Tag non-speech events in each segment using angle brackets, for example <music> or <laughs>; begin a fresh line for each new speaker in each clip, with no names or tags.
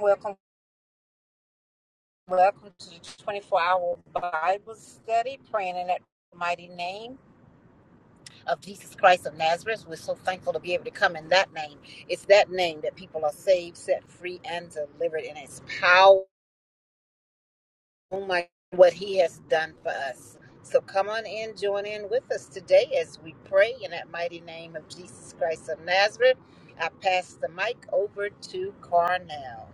Welcome, welcome to the 24 hour Bible study, praying in that mighty name of Jesus Christ of Nazareth. We're so thankful to be able to come in that name. It's that name that people are saved, set free, and delivered in its power. Oh my, what he has done for us. So come on in, join in with us today as we pray in that mighty name of Jesus Christ of Nazareth. I pass the mic over to Carnell.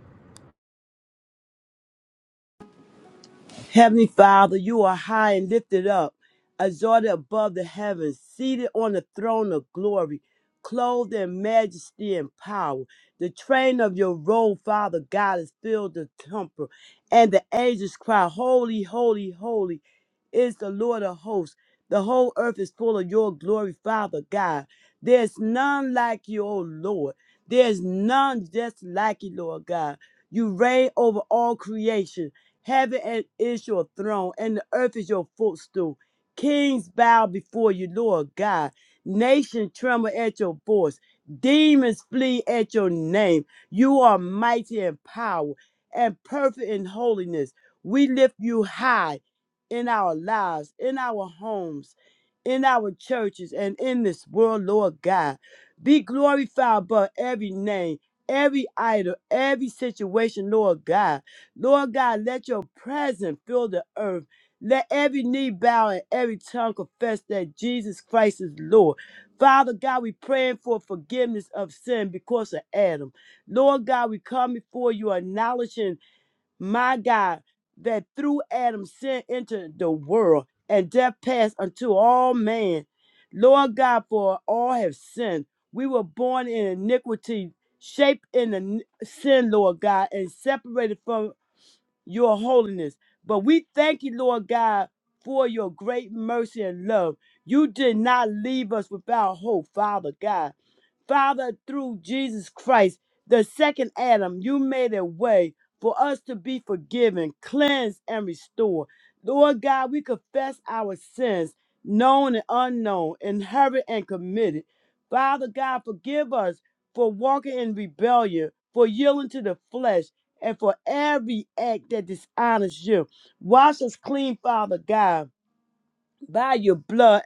Heavenly Father, you are high and lifted up, exalted above the heavens, seated on the throne of glory, clothed in majesty and power. The train of your robe, Father God, is filled the temple, and the angels cry, Holy, holy, holy is the Lord of hosts. The whole earth is full of your glory, Father God. There's none like you, O Lord. There's none just like you, Lord God. You reign over all creation. Heaven and- is your throne, and the earth is your footstool. Kings bow before you, Lord God. Nations tremble at your voice. Demons flee at your name. You are mighty in power and perfect in holiness. We lift you high in our lives, in our homes, in our churches, and in this world, Lord God. Be glorified above every name, every idol, every situation, Lord God. Lord God, let your presence fill the earth. Let every knee bow and every tongue confess that Jesus Christ is Lord. Father God, we praying for forgiveness of sin because of Adam. Lord God, we come before you acknowledging, my God, that through Adam sin entered the world and death passed unto all men. Lord God, for all have sinned. We were born in iniquity, shaped in the sin, Lord God, and separated from your holiness. But we thank you, Lord God, for your great mercy and love. You did not leave us without hope, Father God. Father, through Jesus Christ, the second Adam, you made a way for us to be forgiven, cleansed, and restored. Lord God, we confess our sins, known and unknown, inherited and committed. Father God, forgive us for walking in rebellion, for yielding to the flesh, and for every act that dishonors you. Wash us clean, Father God, by your blood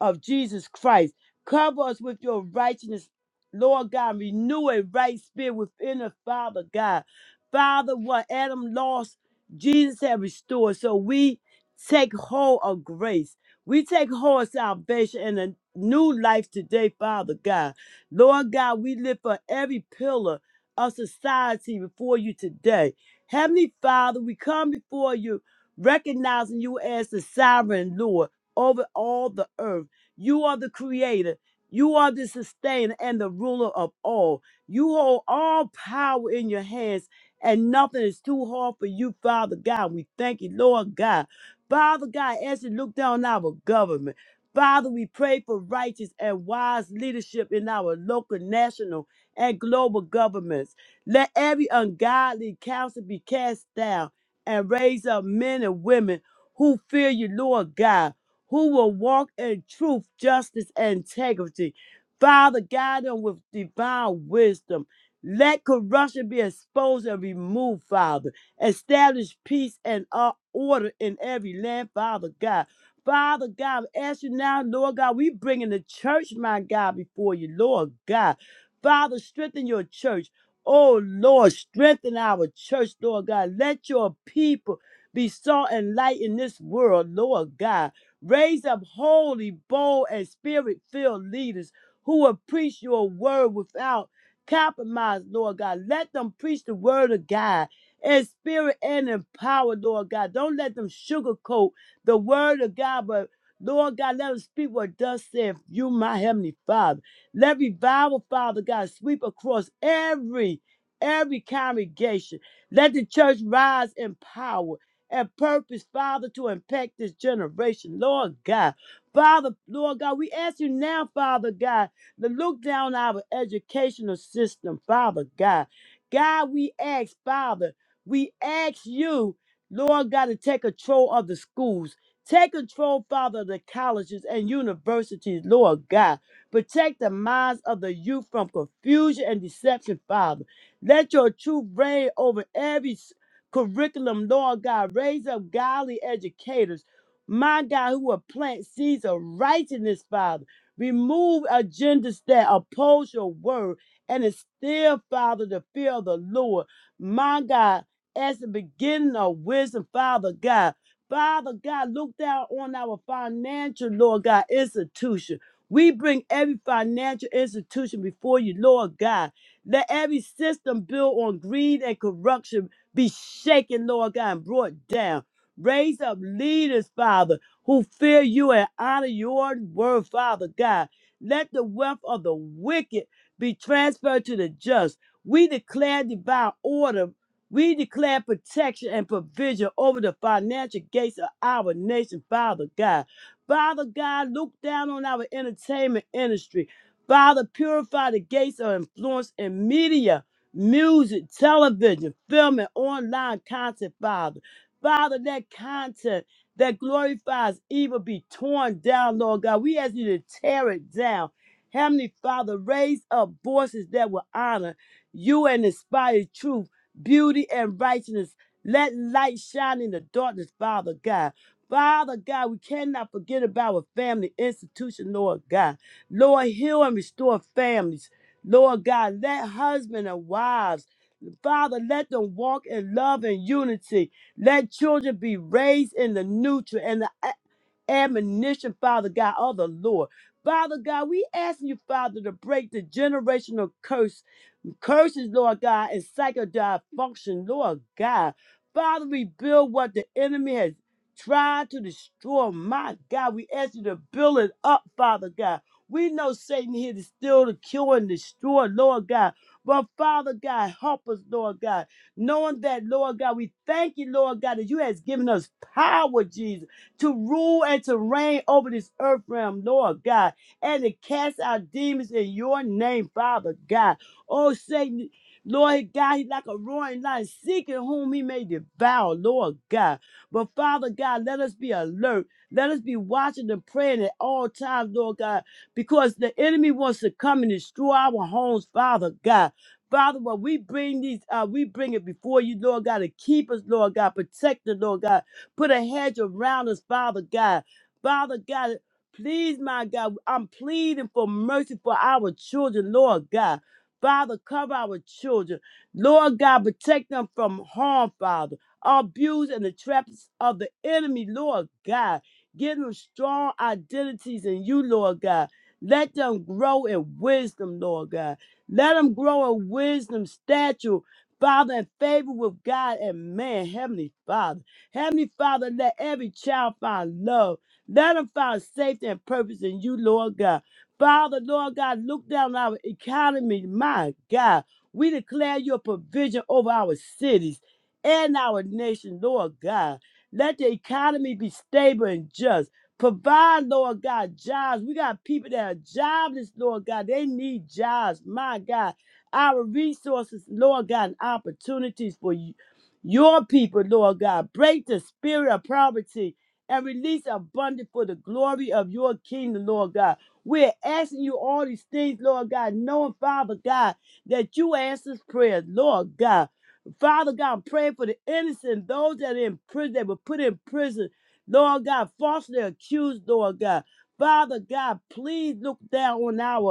of Jesus Christ. Cover us with your righteousness, Lord God. Renew a right spirit within us, Father God. Father, what Adam lost, Jesus has restored. So we take hold of grace. We take hold of salvation and a new life today, Father God. Lord God, we live for every pillar of society before you today. Heavenly Father, we come before you, recognizing you as the sovereign Lord over all the earth. You are the creator. You are the sustainer and the ruler of all. You hold all power in your hands, and nothing is too hard for you, Father God. We thank you, Lord God. Father God, as you look down our government, Father, we pray for righteous and wise leadership in our local, national, and global governments. Let every ungodly counsel be cast down and raise up men and women who fear you, Lord God who will walk in truth, justice, and integrity. Father, guide them with divine wisdom. Let corruption be exposed and removed, Father. Establish peace and uh, order in every land, Father God. Father God, we ask you now, Lord God, we bring in the church, my God, before you, Lord God. Father, strengthen your church. Oh, Lord, strengthen our church, Lord God. Let your people be salt and light in this world, Lord God. Raise up holy, bold, and spirit filled leaders who will preach your word without compromise, Lord God. Let them preach the word of God in spirit and in power, Lord God. Don't let them sugarcoat the word of God, but Lord God, let them speak what thus saith you, my heavenly Father. Let revival, Father God, sweep across every every congregation. Let the church rise in power and purpose, Father, to impact this generation, Lord God. Father, Lord God, we ask you now, Father God, to look down our educational system, Father God. God, we ask, Father, we ask you, Lord God, to take control of the schools. Take control, Father, of the colleges and universities, Lord God. Protect the minds of the youth from confusion and deception, Father. Let your truth reign over every curriculum, Lord God. Raise up godly educators, my God, who will plant seeds of righteousness, Father. Remove agendas that oppose your word and instill, Father, the fear of the Lord, my God, as the beginning of wisdom, Father God. Father God, look down on our financial, Lord God, institution. We bring every financial institution before you, Lord God. Let every system built on greed and corruption be shaken, Lord God, and brought down. Raise up leaders, Father, who fear you and honor your word, Father God. Let the wealth of the wicked be transferred to the just. We declare divine order. We declare protection and provision over the financial gates of our nation, Father God. Father God, look down on our entertainment industry. Father, purify the gates of influence and media music, television, film, and online content, Father. Father, that content that glorifies evil be torn down, Lord God. We ask you to tear it down. Heavenly Father, raise up voices that will honor you and inspire truth, beauty, and righteousness. Let light shine in the darkness, Father God. Father God, we cannot forget about our family institution, Lord God. Lord, heal and restore families. Lord God, let husbands and wives, Father, let them walk in love and unity. Let children be raised in the nurture and the a- admonition, Father God, of the Lord. Father God, we ask you, Father, to break the generational curse curses, Lord God, and psychodial function, Lord God. Father, rebuild what the enemy has tried to destroy. My God, we ask you to build it up, Father God. We know Satan here to steal, to kill, and destroy, Lord God. But Father God, help us, Lord God. Knowing that, Lord God, we thank you, Lord God, that you has given us power, Jesus, to rule and to reign over this earth realm, Lord God, and to cast out demons in your name, Father God. Oh, Satan, Lord God, he's like a roaring lion, seeking whom he may devour, Lord God. But Father God, let us be alert. Let us be watching and praying at all times, Lord God, because the enemy wants to come and destroy our homes, Father God. Father, when we bring these, uh, we bring it before you, Lord God, to keep us, Lord God, protect us, Lord God. Put a hedge around us, Father God. Father God, please, my God, I'm pleading for mercy for our children, Lord God. Father, cover our children. Lord God, protect them from harm, Father. Abuse and the traps of the enemy, Lord God. Give them strong identities in you, Lord God. Let them grow in wisdom, Lord God. Let them grow in wisdom, stature, Father, and favor with God and man, Heavenly Father. Heavenly Father, let every child find love. Let them find safety and purpose in you, Lord God. Father, Lord God, look down our economy. My God, we declare your provision over our cities and our nation, Lord God. Let the economy be stable and just. Provide, Lord God, jobs. We got people that are jobless, Lord God. They need jobs, my God. Our resources, Lord God, and opportunities for you, your people, Lord God. Break the spirit of poverty and release abundance for the glory of your kingdom, Lord God. We're asking you all these things, Lord God, knowing, Father God, that you answer prayers, Lord God. Father God, I'm praying for the innocent, those that are in prison, that were put in prison, Lord God, falsely accused, Lord God. Father God, please look down on our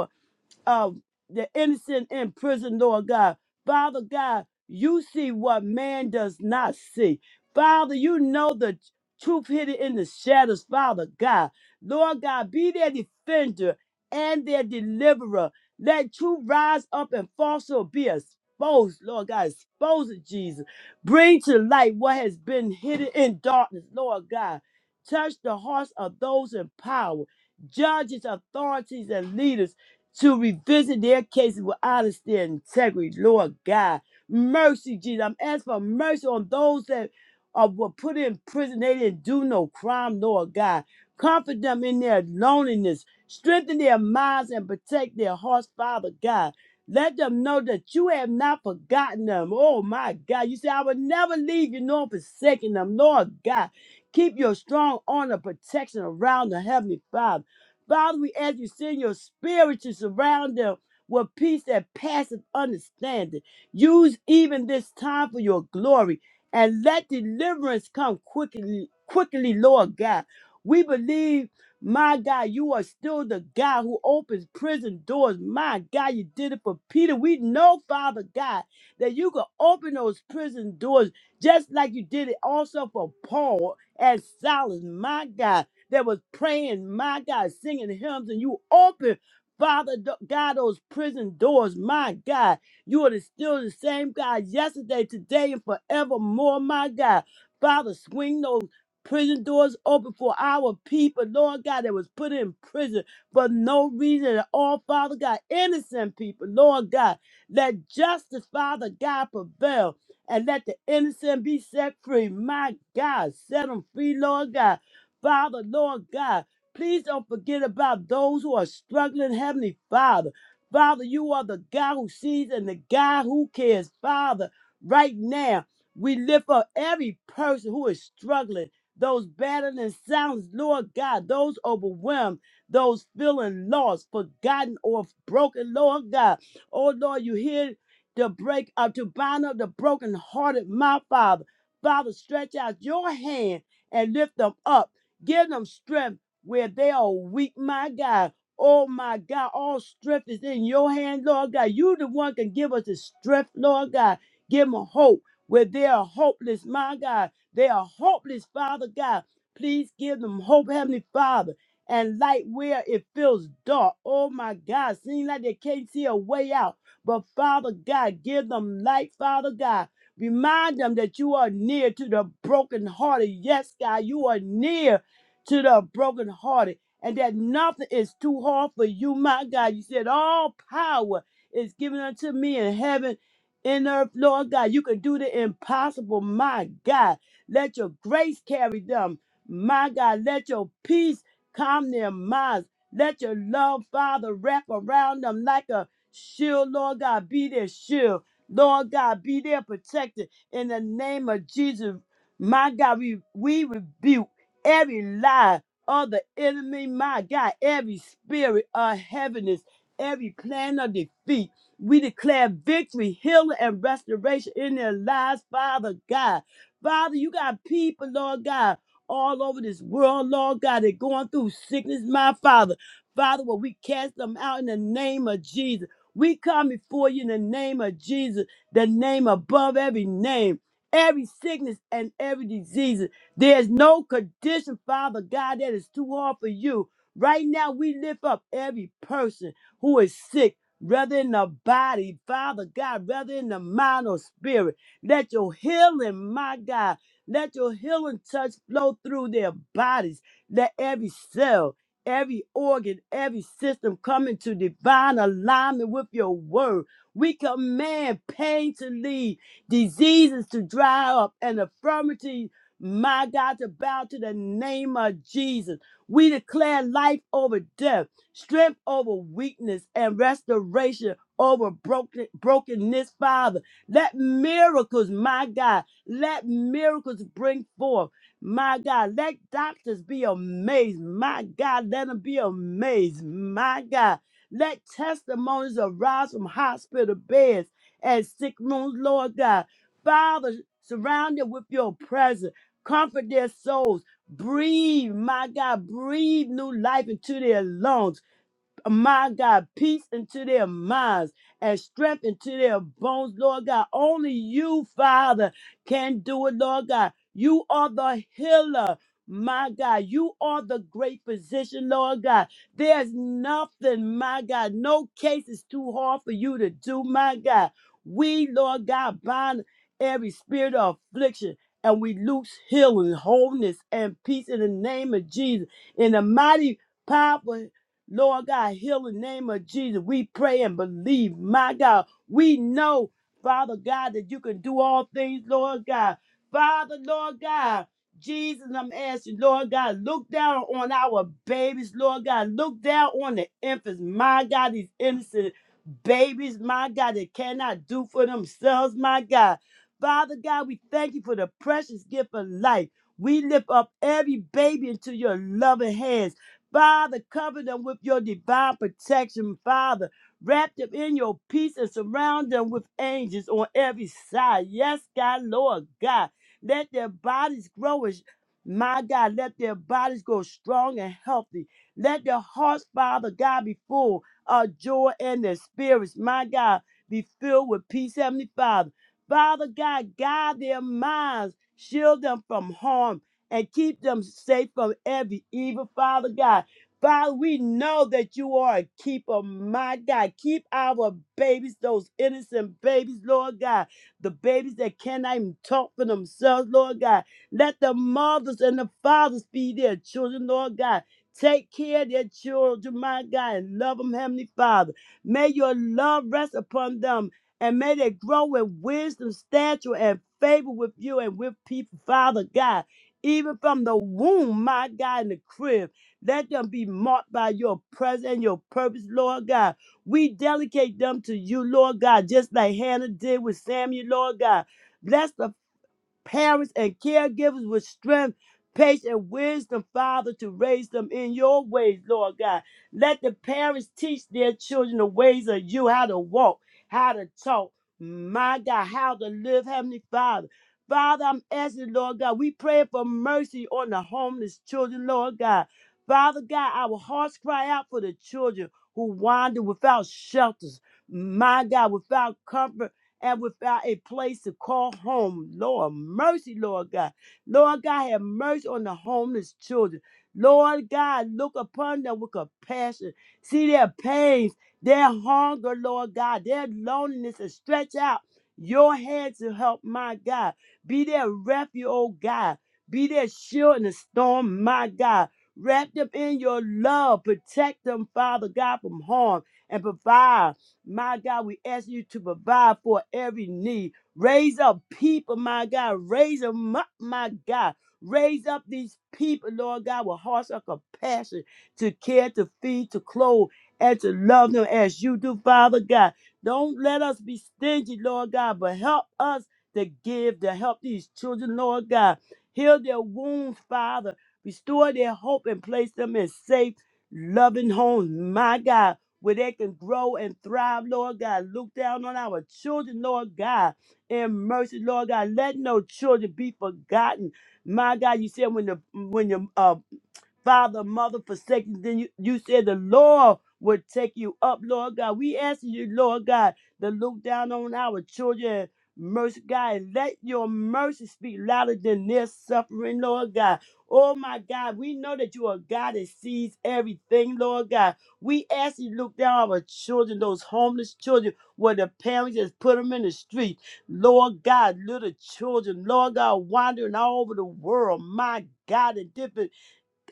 uh, the innocent in prison, Lord God. Father God, you see what man does not see. Father, you know the truth hidden in the shadows, Father God. Lord God, be their defender and their deliverer. Let truth rise up and falsehood be exposed, Lord God. Expose it, Jesus. Bring to light what has been hidden in darkness, Lord God. Touch the hearts of those in power, judges, authorities, and leaders to revisit their cases with honesty and integrity, Lord God. Mercy, Jesus. I'm asking for mercy on those that are, were put in prison. They didn't do no crime, Lord God. Comfort them in their loneliness. Strengthen their minds and protect their hearts, Father God. Let them know that you have not forgotten them. Oh my God. You say, I will never leave you nor forsaken them, Lord God. Keep your strong arm of protection around the Heavenly Father. Father, we ask you send your spirit to surround them with peace that passeth understanding. Use even this time for your glory and let deliverance come quickly, quickly, Lord God. We believe, my God, you are still the God who opens prison doors. My God, you did it for Peter. We know, Father God, that you can open those prison doors just like you did it also for Paul and Silas, my God that was praying, my God, singing hymns, and you open, Father God, those prison doors, my God. You are the- still the same God yesterday, today, and forevermore, my God. Father, swing those prison doors open for our people, Lord God, that was put in prison for no reason at all, Father God. Innocent people, Lord God. Let justice, Father God, prevail and let the innocent be set free. My God, set them free, Lord God. Father, Lord God, please don't forget about those who are struggling, Heavenly Father. Father, you are the God who sees and the God who cares. Father, right now, we lift up every person who is struggling, those battling sounds, Lord God, those overwhelmed, those feeling lost, forgotten, or broken, Lord God. Oh, Lord, you hear the break up, to bind up the brokenhearted, my Father. Father, stretch out your hand and lift them up. Give them strength where they are weak, my God. Oh my God, all strength is in your hand, Lord God. You the one can give us the strength, Lord God. Give them hope where they are hopeless, my God. They are hopeless, Father God. Please give them hope, Heavenly Father, and light where it feels dark. Oh my God, seems like they can't see a way out. But Father God, give them light, Father God. Remind them that you are near to the brokenhearted. Yes, God, you are near to the brokenhearted, and that nothing is too hard for you, my God. You said all power is given unto me in heaven, in earth, Lord God. You can do the impossible, my God. Let your grace carry them, my God. Let your peace calm their minds. Let your love, Father, wrap around them like a shield, Lord God. Be their shield. Lord God, be their protector in the name of Jesus. My God, we, we rebuke every lie of the enemy, my God, every spirit of heaviness, every plan of defeat. We declare victory, healing, and restoration in their lives, Father God. Father, you got people, Lord God, all over this world, Lord God, they're going through sickness, my Father. Father, well, we cast them out in the name of Jesus. We come before you in the name of Jesus, the name above every name, every sickness and every disease. There's no condition, Father God, that is too hard for you. Right now, we lift up every person who is sick, whether in the body, Father God, whether in the mind or spirit. Let your healing, my God, let your healing touch flow through their bodies. Let every cell, every organ, every system come into divine alignment with your word. We command pain to leave, diseases to dry up, and affirmity my God, to bow to the name of Jesus. We declare life over death, strength over weakness, and restoration over broken, brokenness, Father. Let miracles, my God, let miracles bring forth. My God, let doctors be amazed. My God, let them be amazed. My God, let testimonies arise from hospital beds and sick rooms, Lord God. Father, surround them with your presence comfort their souls. Breathe, my God, breathe new life into their lungs my God, peace into their minds and strength into their bones, Lord God. Only you, Father, can do it, Lord God. You are the healer. My God, you are the great physician, Lord God. There's nothing, my God, no case is too hard for you to do, my God. We, Lord God, bind every spirit of affliction and we loose healing, wholeness, and peace in the name of Jesus. In the mighty, powerful Lord God, heal in the name of Jesus. We pray and believe, my God. We know, Father God, that you can do all things, Lord God. Father, Lord God, Jesus, I'm asking, Lord God, look down on our babies, Lord God. Look down on the infants, my God, these innocent babies, my God, that cannot do for themselves, my God. Father God, we thank you for the precious gift of life. We lift up every baby into your loving hands. Father, cover them with your divine protection, Father. Wrap them in your peace and surround them with angels on every side. Yes, God, Lord God. Let their bodies grow as my God, let their bodies grow strong and healthy. Let their hearts, Father God, be full of joy and their spirits, my God, be filled with peace, Heavenly Father. Father God, guide their minds, shield them from harm and keep them safe from every evil, Father God. Father, we know that you are a keeper, my God. Keep our babies, those innocent babies, Lord God. The babies that cannot even talk for themselves, Lord God. Let the mothers and the fathers be their children, Lord God. Take care of their children, my God, and love them, Heavenly Father. May your love rest upon them, and may they grow in wisdom, stature, and favor with you and with people, Father God even from the womb, my God, in the crib. Let them be marked by your presence and your purpose, Lord God. We delegate them to you, Lord God, just like Hannah did with Samuel, Lord God. Bless the parents and caregivers with strength, patience, and wisdom, Father, to raise them in your ways, Lord God. Let the parents teach their children the ways of you, how to walk, how to talk, my God, how to live, Heavenly Father. Father, I'm asking, Lord God, we pray for mercy on the homeless children, Lord God. Father God, our hearts cry out for the children who wander without shelters, my God, without comfort and without a place to call home. Lord, mercy, Lord God. Lord God, have mercy on the homeless children. Lord God, look upon them with compassion. See their pains, their hunger, Lord God, their loneliness, and stretch out your hand to help, my God. Be their refuge, oh God. Be their shield in the storm, my God. Wrap them in your love. Protect them, Father God, from harm and provide. My God, we ask you to provide for every need. Raise up people, my God. Raise them up, my God. Raise up these people, Lord God, with hearts of compassion to care, to feed, to clothe, and to love them as you do, Father God. Don't let us be stingy, Lord God, but help us to give, to help these children, Lord God. Heal their wounds, Father. Restore their hope and place them in safe, loving homes, my God where they can grow and thrive, Lord God. Look down on our children, Lord God, in mercy, Lord God. Let no children be forgotten. My God, you said when the when your uh father, mother forsaken. Then you, you said the Lord would take you up, Lord God. We ask you, Lord God, to look down on our children. Mercy, God, and let your mercy speak louder than their suffering, Lord God. Oh my God, we know that you are God that sees everything, Lord God. We ask you to look down on our children, those homeless children, where the parents just put them in the street. Lord God, little children, Lord God, wandering all over the world, my God, in different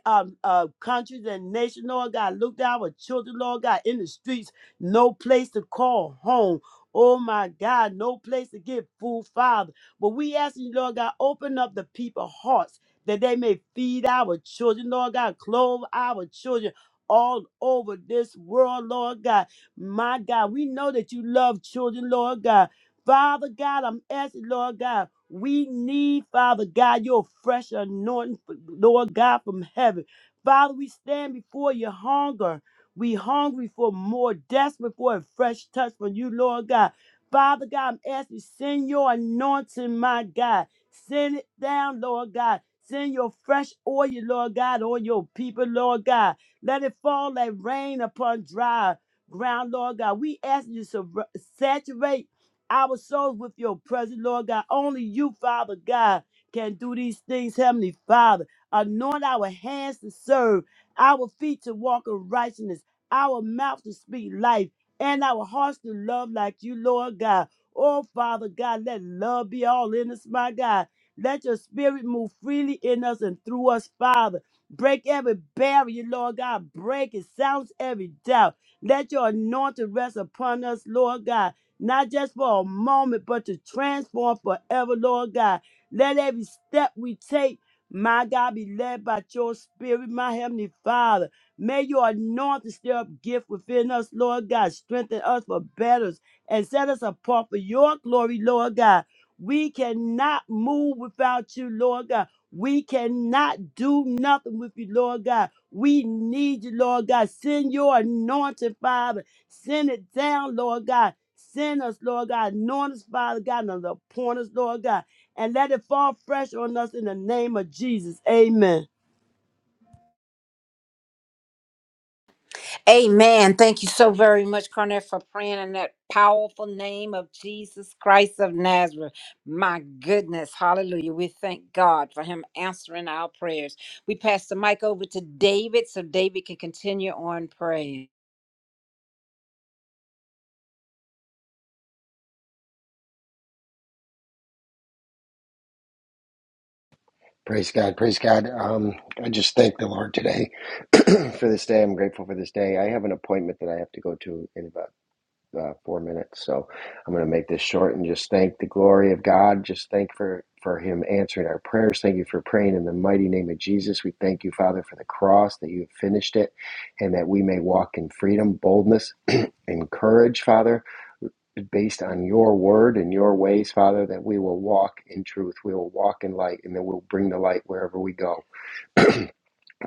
um, uh, countries and nations, Lord God. Look down our children, Lord God, in the streets. No place to call home. Oh my God, no place to get food, Father. But we ask you, Lord God, open up the people's hearts that they may feed our children, Lord God, clothe our children all over this world, Lord God. My God, we know that you love children, Lord God. Father God, I'm asking, Lord God. We need, Father God, your fresh anointing, Lord God, from heaven. Father, we stand before your hunger. We hungry for more, desperate for a fresh touch from you, Lord God. Father God, I'm asking, you, send your anointing, my God. Send it down, Lord God. Send your fresh oil, Lord God, on your people, Lord God. Let it fall like rain upon dry ground, Lord God. We ask you to sur- saturate our souls with your presence, Lord God. Only you, Father God, can do these things, Heavenly Father. Anoint our hands to serve, our feet to walk in righteousness, our mouth to speak life, and our hearts to love like you, Lord God. Oh, Father God, let love be all in us, my God. Let your spirit move freely in us and through us, Father. Break every barrier, Lord God. Break it. Silence every doubt. Let your anointing rest upon us, Lord God not just for a moment, but to transform forever, Lord God. Let every step we take, my God, be led by your spirit, my heavenly Father. May your anointing stir up gift within us, Lord God. Strengthen us for battles and set us apart for your glory, Lord God. We cannot move without you, Lord God. We cannot do nothing with you, Lord God. We need you, Lord God. Send your anointing, Father Send it down, Lord God. Send us, Lord God. Anoint us, Father God, and appoint us, Lord God. And let it fall fresh on us in the name of Jesus. Amen.
Amen. Thank you so very much, Cornell, for praying in that powerful name of Jesus Christ of Nazareth. My goodness. Hallelujah. We thank God for him answering our prayers. We pass the mic over to David so David can continue on praying.
Praise God, praise God. Um, I just thank the Lord today <clears throat> for this day. I'm grateful for this day. I have an appointment that I have to go to in about uh, four minutes, so I'm going to make this short and just thank the glory of God. Just thank for for Him answering our prayers. Thank you for praying in the mighty name of Jesus. We thank you, Father, for the cross that you have finished it, and that we may walk in freedom, boldness. and courage, Father, based on your word and your ways, Father, that we will walk in truth, we will walk in light, and that we'll bring the light wherever we go.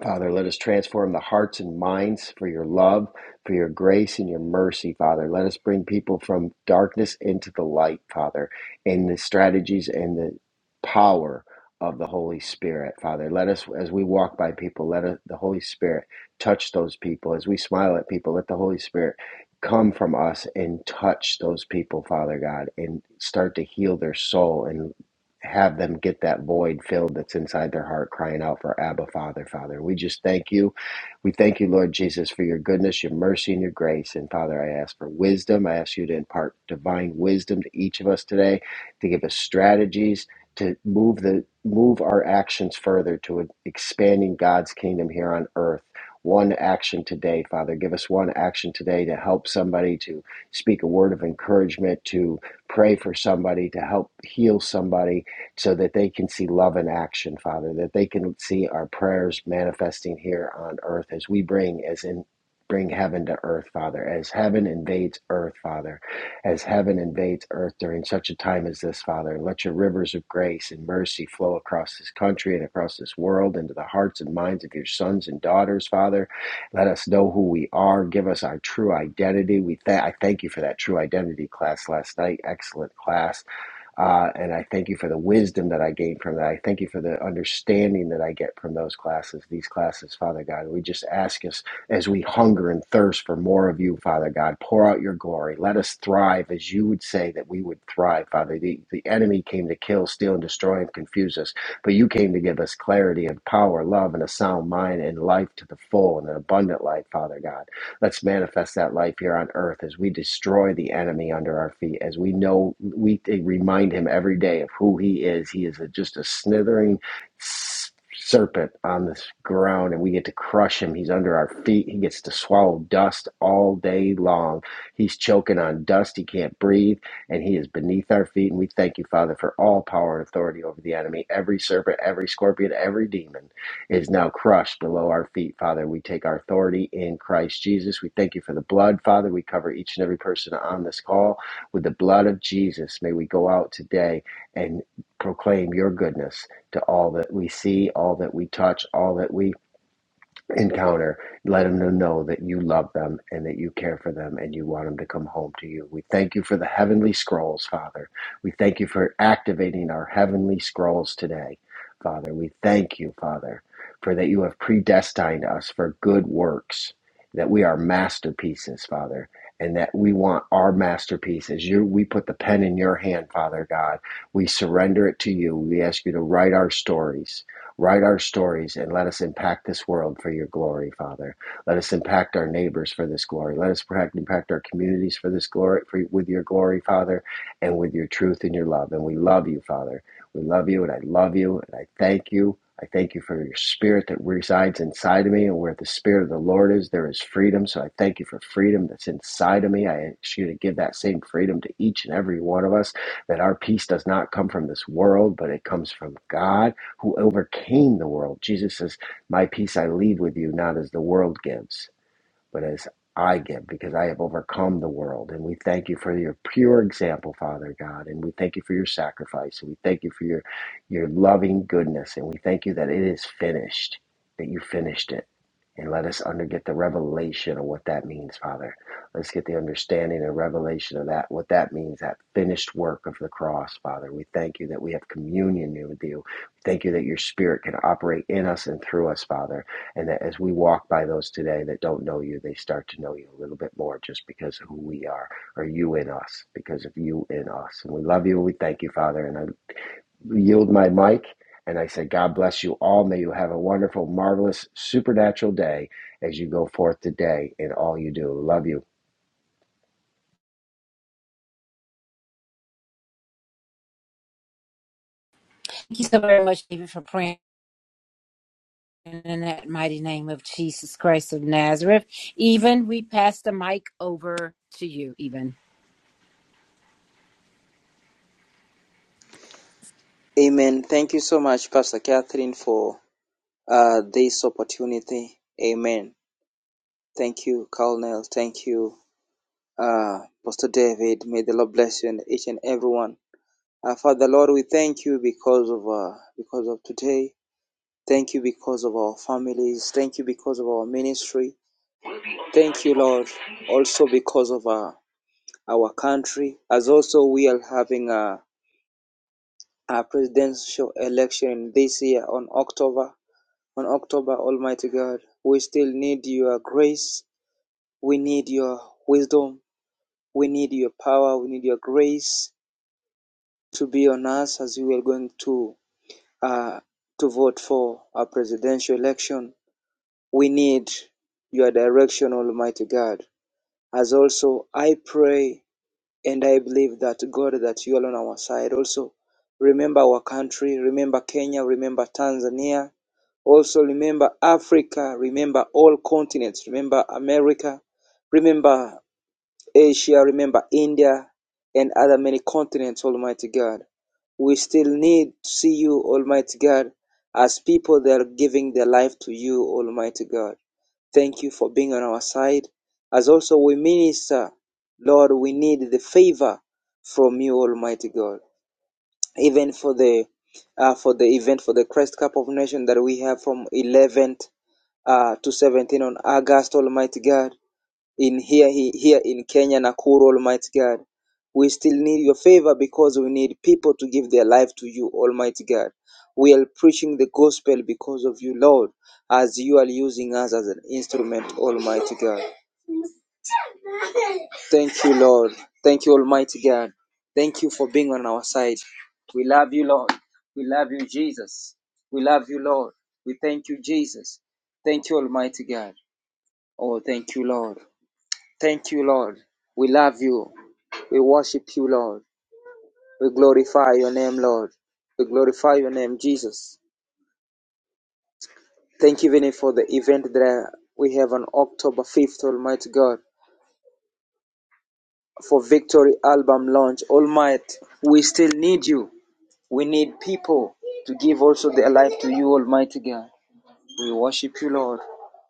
Father, let us transform the hearts and minds for your love, for your grace, and your mercy, Father. Let us bring people from darkness into the light, Father, in the strategies and the power of the Holy Spirit, Father. Let us, as we walk by people, let us, the Holy Spirit touch those people. As we smile at people, let the Holy Spirit come from us and touch those people, Father God, and start to heal their soul and have them get that void filled that's inside their heart, crying out for Abba, Father, Father. We just thank you. We thank you, Lord Jesus, for your goodness, your mercy, and your grace. And Father, I ask for wisdom. I ask you to impart divine wisdom to each of us today, to give us strategies to move the move our actions further to expanding God's kingdom here on earth. One action today, Father. Give us one action today to help somebody, to speak a word of encouragement, to pray for somebody, to help heal somebody, so that they can see love in action, Father, that they can see our prayers manifesting here on earth as we bring as in bring heaven to earth, Father, as heaven invades earth, Father, as heaven invades earth during such a time as this, Father. Let your rivers of grace and mercy flow across this country and across this world into the hearts and minds of your sons and daughters, Father. Let us know who we are. Give us our true identity. We th- I thank you for that true identity class last night. Excellent class uh, and I thank you for the wisdom that I gain from that. I thank you for the understanding that I get from those classes, these classes, Father God. We just ask us as we hunger and thirst for more of you, Father God, pour out your glory. Let us thrive as you would say that we would thrive, Father. The, the enemy came to kill, steal, and destroy and confuse us, but you came to give us clarity and power, love, and a sound mind and life to the full and an abundant life, Father God. Let's manifest that life here on earth as we destroy the enemy under our feet, as we know, we remind him every day of who he is. He is a, just a snithering serpent on this ground, and we get to crush him. He's under our feet. He gets to swallow dust all day long. He's choking on dust. He can't breathe, and he is beneath our feet. And we thank you, Father, for all power and authority over the enemy, every serpent, every scorpion, every demon is now crushed below our feet, Father. We take our authority in Christ Jesus. We thank you for the blood, Father. We cover each and every person on this call with the blood of Jesus. May we go out today and proclaim your goodness to all that we see, all that we touch, all that we encounter, Let them know that you love them and that you care for them and you want them to come home to you. We thank you for the heavenly scrolls, Father. We thank you for activating our heavenly scrolls today, Father. We thank you, Father, for that you have predestined us for good works, that we are masterpieces, Father. And that we want our masterpieces. You, we put the pen in your hand, Father God. We surrender it to you. We ask you to write our stories Write our stories and let us impact this world for your glory, Father. Let us impact our neighbors for this glory. Let us impact, our communities for this glory, for, with your glory, Father, and with your truth and your love. And we love you, Father. We love you, and I love you, and I thank you. I thank you for your spirit that resides inside of me, and where the spirit of the Lord is, there is freedom. So I thank you for freedom that's inside of me. I ask you to give that same freedom to each and every one of us, that our peace does not come from this world, but it comes from God who overcame the world. Jesus says, My peace I leave with you, not as the world gives but as I give, because I have overcome the world. And we thank you for your pure example, Father God. And we thank you for your sacrifice. And we thank you for your, your loving goodness. And we thank you that it is finished, that you finished it. And let us under get the revelation of what that means, Father. Let's get the understanding and revelation of that, what that means, that finished work of the cross, Father. We thank you that we have communion with you. We Thank you that your spirit can operate in us and through us, Father and that as we walk by those today that don't know you, they start to know you a little bit more just because of who we are, or you in us, because of you in us. And we love you. We thank you, Father. And I yield my mic and I say, God bless you all. May you have a wonderful, marvelous, supernatural day as you go forth today in all you do. Love you.
Thank you so very much, David, for praying. In that mighty name of Jesus Christ of Nazareth. Even we pass the mic over to you, Even.
Amen. Thank you so much, Pastor Catherine, for uh, this opportunity. Amen. Thank you, Colonel. Thank you, uh, Pastor David. May the Lord bless you and each and everyone. Uh, Father Lord, we thank you because of uh, because of today. Thank you because of our families. Thank you because of our ministry. Thank you, Lord, also because of uh, our country. As also we are having a, a presidential election this year on October. on October, Almighty God, we still need your grace. We need your wisdom. We need your power. We need your grace to be on us as we are going to uh, to vote for our presidential election. We need your direction, Almighty God. As also, I pray And I believe that God, that you are on our side. Also, remember our country, remember Kenya, remember Tanzania. Also, remember Africa, remember all continents, remember America, remember Asia, remember India, and other many continents, Almighty God. We still need to see you, Almighty God, as people that are giving their life to you, Almighty God. Thank you for being on our side. As also we minister, Lord, we need the favor from you, Almighty God. Even for the uh, for the event for the Christ Cup of Nation that we have from 11th uh, to 17 on August, Almighty God in here here in Kenya, Nakuru, Almighty God. We still need your favor because we need people to give their life to you, Almighty God. We are preaching the gospel because of you, Lord, as you are using us as an instrument, Almighty God. Thank you, Lord. Thank you, Almighty God. Thank you for being on our side. We love you, Lord. We love you, Jesus. We love you, Lord. We thank you, Jesus. Thank you, Almighty God. Oh, thank you, Lord. Thank you, Lord. We love you. We worship you, Lord. We glorify your name, Lord. We glorify your name, Jesus. Thank you, Vinny, for the event that we have on October 5th, Almighty God, for Victory Album launch. Almighty, we still need you. We need people to give also their life to you, Almighty God. We worship you, Lord.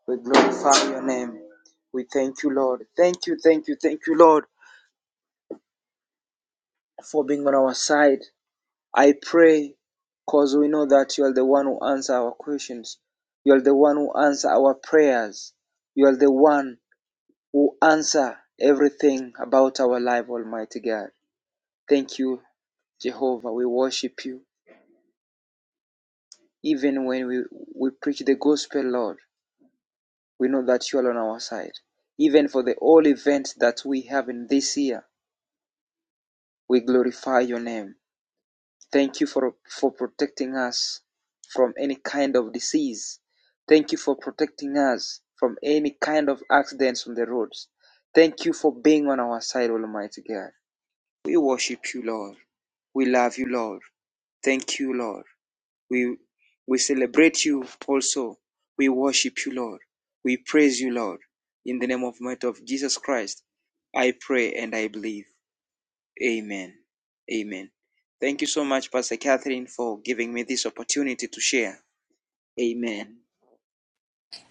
We glorify your name. We thank you, Lord. Thank you, thank you, thank you, Lord, for being on our side. I pray because we know that you are the one who answers our questions. You are the one who answers our prayers. You are the one who answers everything about our life, Almighty God. Thank you, Jehovah. We worship you. Even when we, we preach the gospel, Lord, we know that you are on our side. Even for the all events that we have in this year, we glorify your name. Thank you for, for protecting us from any kind of disease. Thank you for protecting us from any kind of accidents on the roads. Thank you for being on our side, Almighty God. We worship you, Lord. We love you, Lord. Thank you, Lord. We we celebrate you also. We worship you, Lord. We praise you, Lord. In the name of might of Jesus Christ, I pray and I believe. Amen. Amen. Thank you so much, Pastor Catherine, for giving me this opportunity to share. Amen.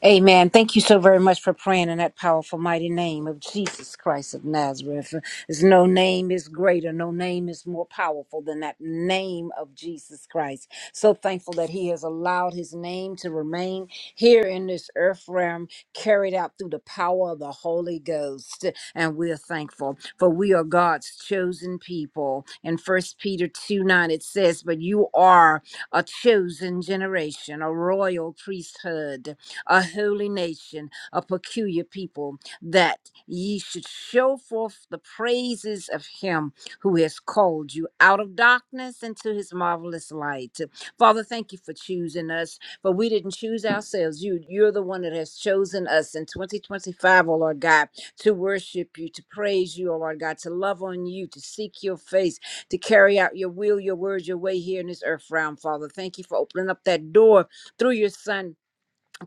Amen. Thank you so very much for praying in that powerful, mighty name of Jesus Christ of Nazareth. There's no name is greater, no name is more powerful than that name of Jesus Christ. So thankful that He has allowed His name to remain here in this earth realm, carried out through the power of the Holy Ghost. And we're thankful for we are God's chosen people. In First Peter 2 9, it says, But you are a chosen generation, a royal priesthood a holy nation, a peculiar people, that ye should show forth the praises of him who has called you out of darkness into his marvelous light. Father, thank you for choosing us, for we didn't choose ourselves. You, you're the one that has chosen us in 2025, O Lord God, to worship you, to praise you, oh Lord God, to love on you, to seek your face, to carry out your will, your words, your way here in this earth realm, Father. Thank you for opening up that door through your son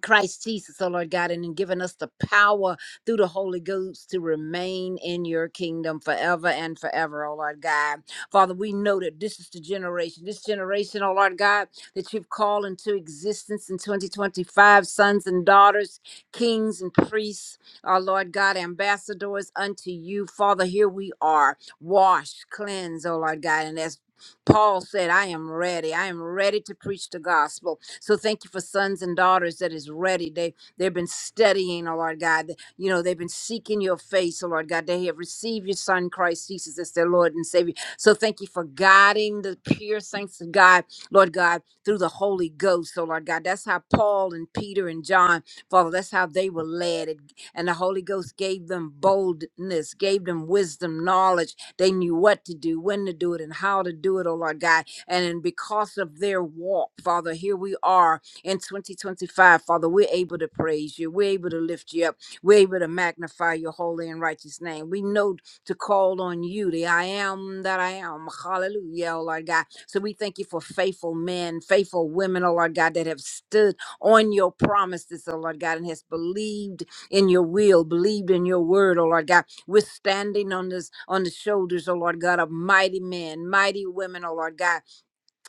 Christ Jesus, oh Lord God, and in giving us the power through the Holy Ghost to remain in your kingdom forever and forever, oh Lord God. Father, we know that this is the generation, this generation, oh Lord God, that you've called into existence in 2025, sons and daughters, kings and priests, our Lord God, ambassadors unto you. Father, here we are, Wash, cleanse, oh Lord God, and as Paul said, I am ready. I am ready to preach the gospel. So thank you for sons and daughters that is ready. They they've been studying, oh Lord God. You know, they've been seeking your face, oh Lord God. They have received your son Christ Jesus as their Lord and Savior. So thank you for guiding the pure saints of God, Lord God, through the Holy Ghost, oh Lord God. That's how Paul and Peter and John, Father, that's how they were led. It- And the Holy Ghost gave them boldness, gave them wisdom, knowledge. They knew what to do, when to do it, and how to do it, oh Lord God and because of their walk, Father, here we are in 2025. Father, we're able to praise you. We're able to lift you up. We're able to magnify your holy and righteous name. We know to call on you, the I am that I am. Hallelujah, oh Lord God. So we thank you for faithful men, faithful women, oh Lord God, that have stood on your promises, oh Lord God, and has believed in your will, believed in your word, oh Lord God. We're standing on this on the shoulders, oh Lord God, of mighty men, mighty women, oh Lord God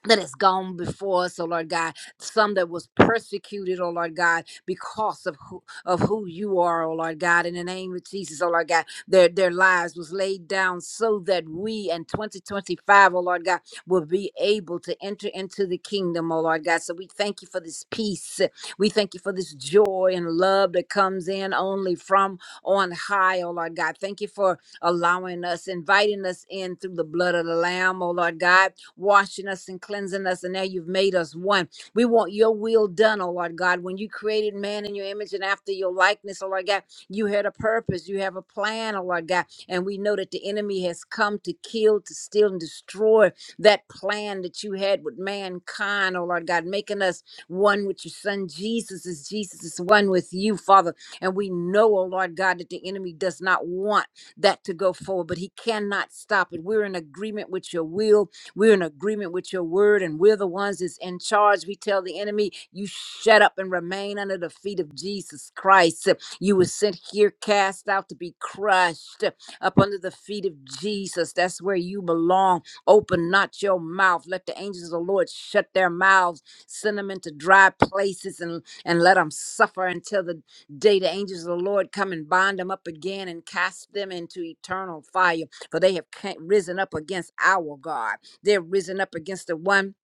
that has gone before us, oh Lord God, some that was persecuted, oh Lord God, because of who of who you are, oh Lord God, in the name of Jesus, oh Lord God, their their lives was laid down so that we in 2025, O Lord God, will be able to enter into the kingdom, oh Lord God. So we thank you for this peace. We thank you for this joy and love that comes in only from on high, oh Lord God. Thank you for allowing us, inviting us in through the blood of the Lamb, oh Lord God washing us and cleansing us, and now you've made us one. We want your will done, oh Lord God. When you created man in your image and after your likeness, oh Lord God, you had a purpose, you have a plan, oh Lord God. And we know that the enemy has come to kill, to steal, and destroy that plan that you had with mankind, oh Lord God, making us one with your son Jesus as Jesus is one with you, Father. And we know, oh Lord God, that the enemy does not want that to go forward, but he cannot stop it. We're in agreement with your will we're in agreement with your word, and we're the ones that's in charge. We tell the enemy, You shut up and remain under the feet of Jesus Christ. You were sent here, cast out to be crushed up under the feet of Jesus. That's where you belong. Open not your mouth. Let the angels of the Lord shut their mouths, send them into dry places, and, and let them suffer until the day the angels of the Lord come and bind them up again and cast them into eternal fire. For they have ca- risen up against our God. They're risen up against the one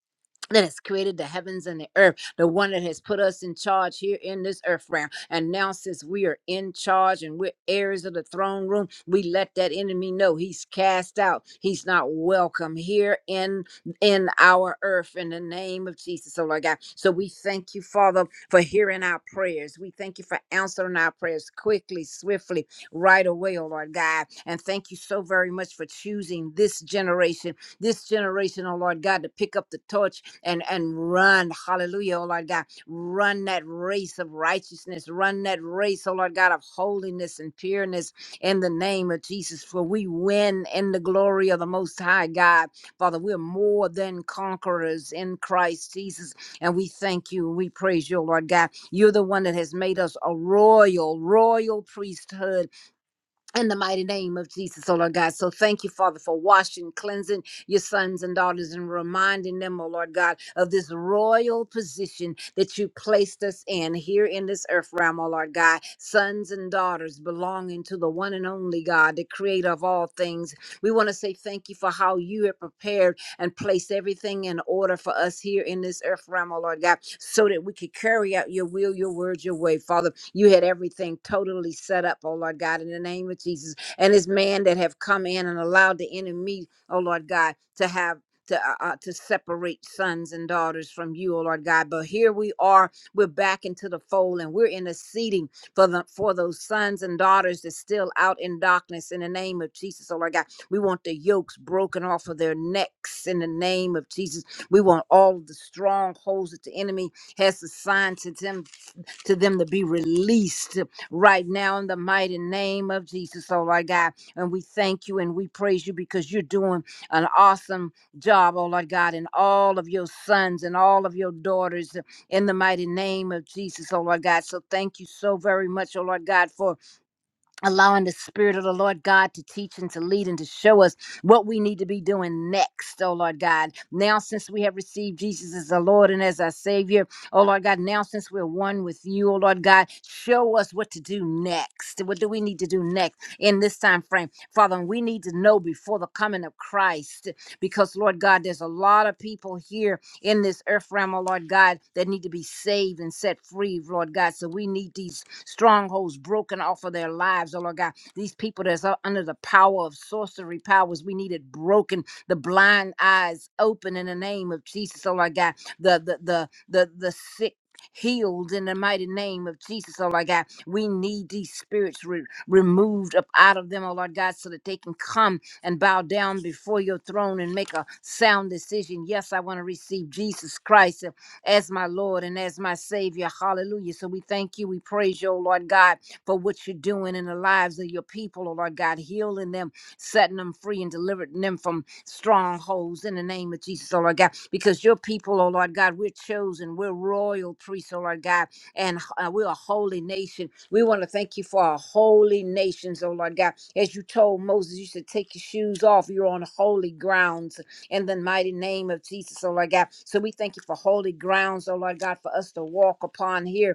that has created the heavens and the earth, the one that has put us in charge here in this earth realm. And now, since we are in charge and we're heirs of the throne room, we let that enemy know he's cast out. He's not welcome here in in our earth in the name of Jesus, oh Lord God. So we thank you, Father, for hearing our prayers. We thank you for answering our prayers quickly, swiftly, right away, oh Lord God. And thank you so very much for choosing this generation this generation, oh Lord God, to pick up the torch and, and run. Hallelujah, oh Lord God. Run that race of righteousness. Run that race, oh Lord God, of holiness and pureness in the name of Jesus. For we win in the glory of the Most High God. Father, we're more than conquerors in Christ Jesus. And we thank you and we praise you, oh Lord God. You're the one that has made us a royal, royal priesthood in the mighty name of Jesus, oh Lord God. So thank you, Father, for washing, cleansing your sons and daughters and reminding them, oh Lord God, of this royal position that you placed us in here in this earth realm, oh Lord God. Sons and daughters belonging to the one and only God, the creator of all things. We want to say thank you for how you have prepared and place everything in order for us here in this earth realm, oh Lord God, so that we could carry out your will, your word, your way. Father, you had everything totally set up, oh Lord God, in the name of Jesus. And this man that have come in and allowed the enemy, oh Lord God, to have to, uh, uh, to separate sons and daughters from you, oh Lord God. But here we are, we're back into the fold and we're interceding for the for those sons and daughters that's still out in darkness in the name of Jesus, oh Lord God. We want the yokes broken off of their necks in the name of Jesus. We want all of the strongholds that the enemy has assigned to them to them to be released right now in the mighty name of Jesus, oh Lord God. And we thank you and we praise you because you're doing an awesome job, oh Lord God, and all of your sons and all of your daughters in the mighty name of Jesus, oh Lord God. So thank you so very much, oh Lord God, for allowing the spirit of the lord god to teach and to lead and to show us what we need to be doing next oh lord god now since we have received jesus as our lord and as our savior oh lord god now since we're one with you oh lord god show us what to do next what do we need to do next in this time frame father we need to know before the coming of christ because lord god there's a lot of people here in this earth realm, oh Lord God, that need to be saved and set free, Lord God. So we need these strongholds broken off of their lives, oh Lord God. These people that's u- under the power of sorcery powers, we need it broken. The blind eyes open in the name of Jesus, oh Lord God. The the the the the sick. Healed in the mighty name of Jesus, oh Lord God. We need these spirits re- removed up out of them, oh Lord God, so that they can come and bow down before your throne and make a sound decision. Yes, I want to receive Jesus Christ uh, as my Lord and as my Savior. Hallelujah. So we thank you. We praise you, oh Lord God, for what you're doing in the lives of your people, oh Lord God, healing them, setting them free, and delivering them from strongholds in the name of Jesus, oh Lord God, because your people, oh Lord God, we're chosen. We're royal priests, oh Lord God and uh, we're a holy nation. We want to thank you for our holy nations, oh Lord God. As you told Moses, you should take your shoes off. You're on holy grounds in the mighty name of Jesus, oh Lord God. So we thank you for holy grounds, oh Lord God, for us to walk upon here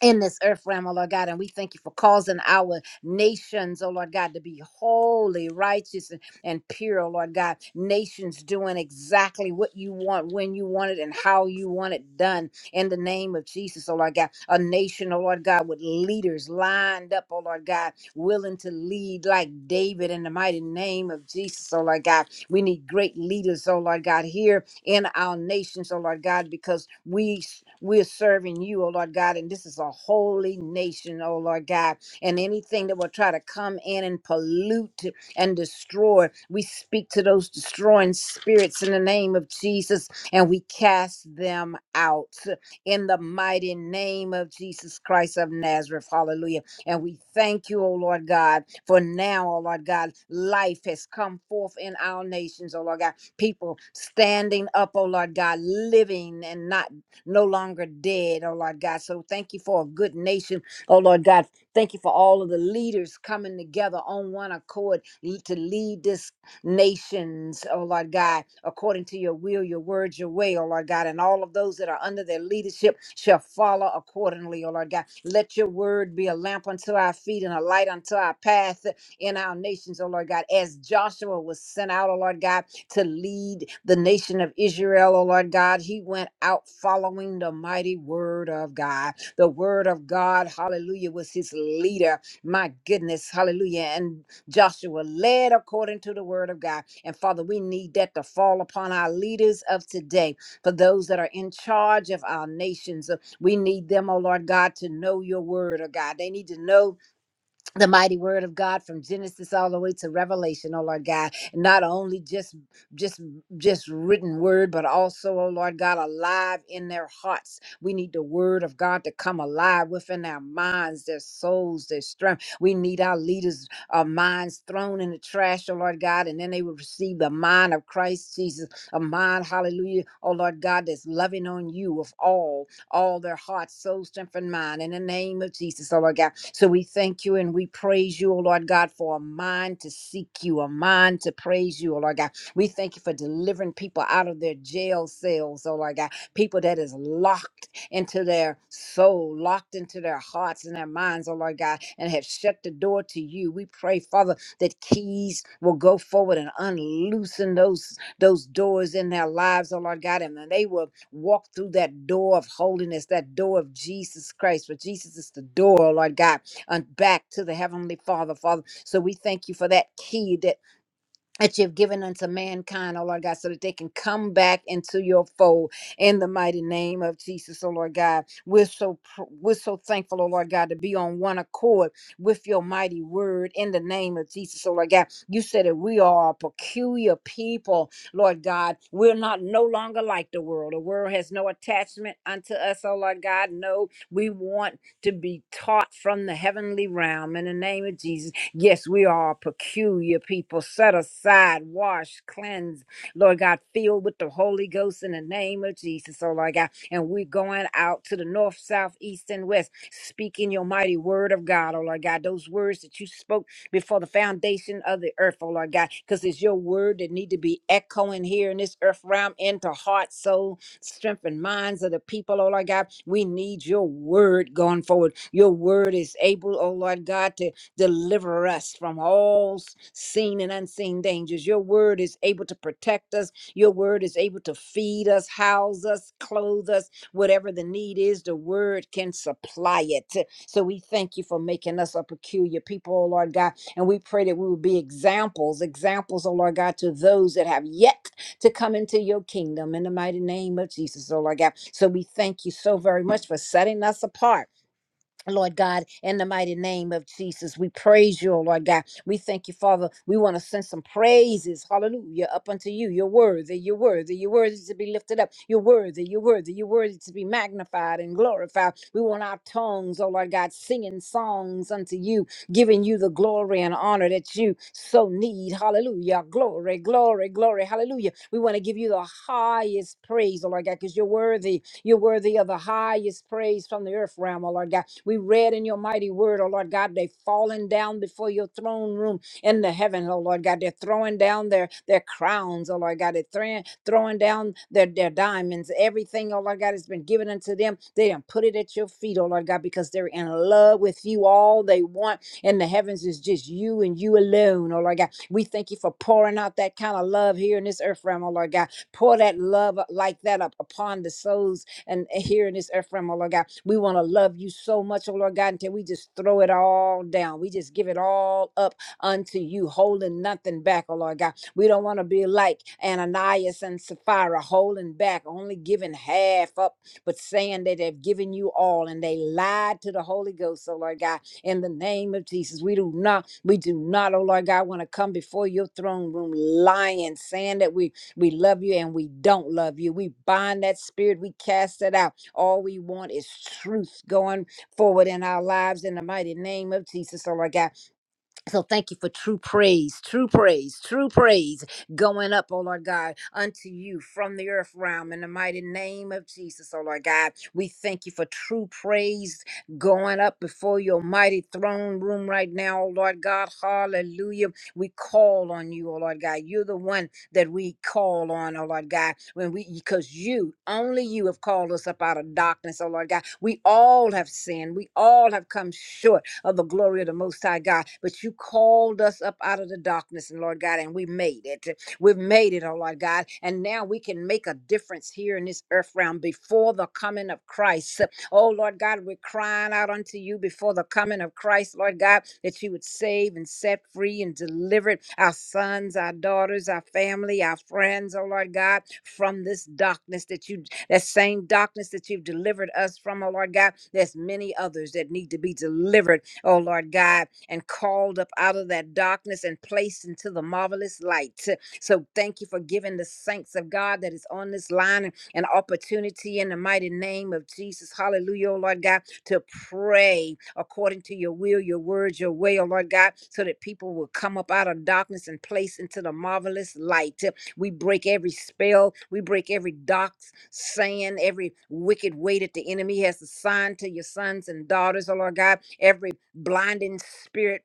in this earth realm, oh Lord God. And we thank you for causing our nations, oh Lord God, to be holy, righteous, and, and pure, oh Lord God. Nations doing exactly what you want, when you want it, and how you want it done in the name of Jesus, oh Lord God. A nation, oh Lord God, with leaders lined up, oh Lord God, willing to lead like David in the mighty name of Jesus, oh Lord God. We need great leaders, oh Lord God, here in our nations, oh Lord God, because we we're serving you, oh Lord God, and this is a holy nation, oh Lord God. And anything that will try to come in and pollute and destroy, we speak to those destroying spirits in the name of Jesus and we cast them out in the mighty name of Jesus Christ of Nazareth. Hallelujah. And we thank you, O Lord God, for now, O Lord God, life has come forth in our nations, O Lord God people standing up, oh Lord God, living and not no longer dead, oh Lord God. So thank you for a good nation, oh Lord God. Thank you for all of the leaders coming together on one accord l- to lead this nations, oh Lord God, according to your will, your words, your way, oh Lord God. And all of those that are under their leadership shall follow accordingly, oh Lord God. Let your word be a lamp unto our feet and a light unto our path in our nations, oh Lord God. As Joshua was sent out, oh Lord God to lead the nation of Israel, oh Lord God. He went out following the mighty word of God. The word of God, hallelujah, was his leader. My goodness, hallelujah. And Joshua led according to the word of God. And Father, we need that to fall upon our leaders of today, for those that are in charge of our nations. Uh, We need them, oh Lord God, to know your word, oh God. They need to know the mighty word of God from Genesis all the way to Revelation, oh Lord God. Not only just just just written word, but also, oh Lord God, alive in their hearts. We need the word of God to come alive within our minds, their souls, their strength. We need our leaders' uh, minds thrown in the trash, oh Lord God, and then they will receive the mind of Christ Jesus, a mind, hallelujah, oh Lord God, that's loving on you with all all their heart, soul, strength, and mind in the name of Jesus, oh Lord God. So we thank you and we praise you, oh Lord God, for a mind to seek you, a mind to praise you, oh Lord God. We thank you for delivering people out of their jail cells, oh Lord God. People that is locked into their soul, locked into their hearts and their minds, oh Lord God, and have shut the door to you. We pray, Father, that keys will go forward and unloosen those those doors in their lives, oh Lord God, and that they will walk through that door of holiness, that door of Jesus Christ, for Jesus is the door, Lord God, and back to the Heavenly Father, Father. So we thank you for that key, that that you've given unto mankind, oh Lord God, so that they can come back into your fold in the mighty name of Jesus, oh Lord God. We're so pr- we're so thankful, oh Lord God, to be on one accord with your mighty word in the name of Jesus, oh Lord God. You said that we are a peculiar people, Lord God. We're not no longer like the world. The world has no attachment unto us, oh Lord God. No, we want to be taught from the heavenly realm in the name of Jesus. Yes, we are a peculiar people, set aside, washed, cleansed, Lord God, filled with the Holy Ghost in the name of Jesus, oh Lord God. And we're going out to the north, south, east, and west, speaking your mighty word of God, oh Lord God. Those words that you spoke before the foundation of the earth, oh Lord God, because it's your word that need to be echoing here in this earth realm into heart, soul, strength and minds of the people, oh Lord God. We need your word going forward. Your word is able, oh Lord God, to Deliver us from all s- seen and unseen dangers. Your word is able to protect us. Your word is able to feed us, house us, clothe us. Whatever the need is, the word can supply it. So we thank you for making us a peculiar people, oh Lord God. And we pray that we will be examples, examples, oh Lord God, to those that have yet to come into your kingdom in the mighty name of Jesus, oh Lord God. So we thank you so very much for setting us apart Lord God, in the mighty name of Jesus, we praise you, oh Lord God. We thank you, Father. We want to send some praises, hallelujah, up unto you. You're worthy, you're worthy, you're worthy to be lifted up. You're worthy, you're worthy, you're worthy to be magnified and glorified. We want our tongues, oh Lord God, singing songs unto you, giving you the glory and honor that you so need, hallelujah. Glory, glory, glory, hallelujah. We want to give you the highest praise, oh Lord God, because you're worthy. You're worthy of the highest praise from the earth realm, oh Lord God. We read in your mighty word, oh Lord God, they falling down before your throne room in the heaven, oh Lord God. They're throwing down their, their crowns, oh Lord God. They're throwing, throwing down their, their diamonds. Everything, oh Lord God, has been given unto them. They done put it at your feet, oh Lord God, because they're in love with you. All they want in the heavens is just you and you alone, oh Lord God. We thank you for pouring out that kind of love here in this earth realm, oh Lord God. Pour that love like that up upon the souls and here in this earth realm, oh Lord God. We want to love you so much, oh Lord God, until we just throw it all down. We just give it all up unto you, holding nothing back, oh Lord God. We don't want to be like Ananias and Sapphira, holding back, only giving half up, but saying that they've given you all and they lied to the Holy Ghost, oh Lord God. In the name of Jesus, we do not, we do not, oh Lord God, want to come before your throne room lying, saying that we we love you and we don't love you. We bind that spirit, we cast it out. All we want is truth going forward in our lives in the mighty name of Jesus, oh Lord God. So thank you for true praise, true praise, true praise going up, oh Lord God, unto you from the earth realm in the mighty name of Jesus, oh Lord God. We thank you for true praise going up before your mighty throne room right now, oh Lord God. Hallelujah. We call on you, oh Lord God. You're the one that we call on, oh Lord God, when we because you, only you have called us up out of darkness, oh Lord God. We all have sinned. We all have come short of the glory of the Most High God. But you called us up out of the darkness, and Lord God, and we made it. We've made it, oh Lord God. And now we can make a difference here in this earth realm before the coming of Christ. Oh Lord God, we're crying out unto you before the coming of Christ, Lord God, that you would save and set free and deliver our sons, our daughters, our family, our friends, oh Lord God, from this darkness that you that same darkness that you've delivered us from, oh Lord God. There's many others that need to be delivered oh Lord God, and called up out of that darkness and placed into the marvelous light. So thank you for giving the saints of God that is on this line an opportunity in the mighty name of Jesus. Hallelujah, oh Lord God, to pray according to your will, your words, your way, oh Lord God, so that people will come up out of darkness and place into the marvelous light. We break every spell. We break every dox, saying, every wicked way that the enemy has assigned to your sons and daughters, oh Lord God, every blinding spirit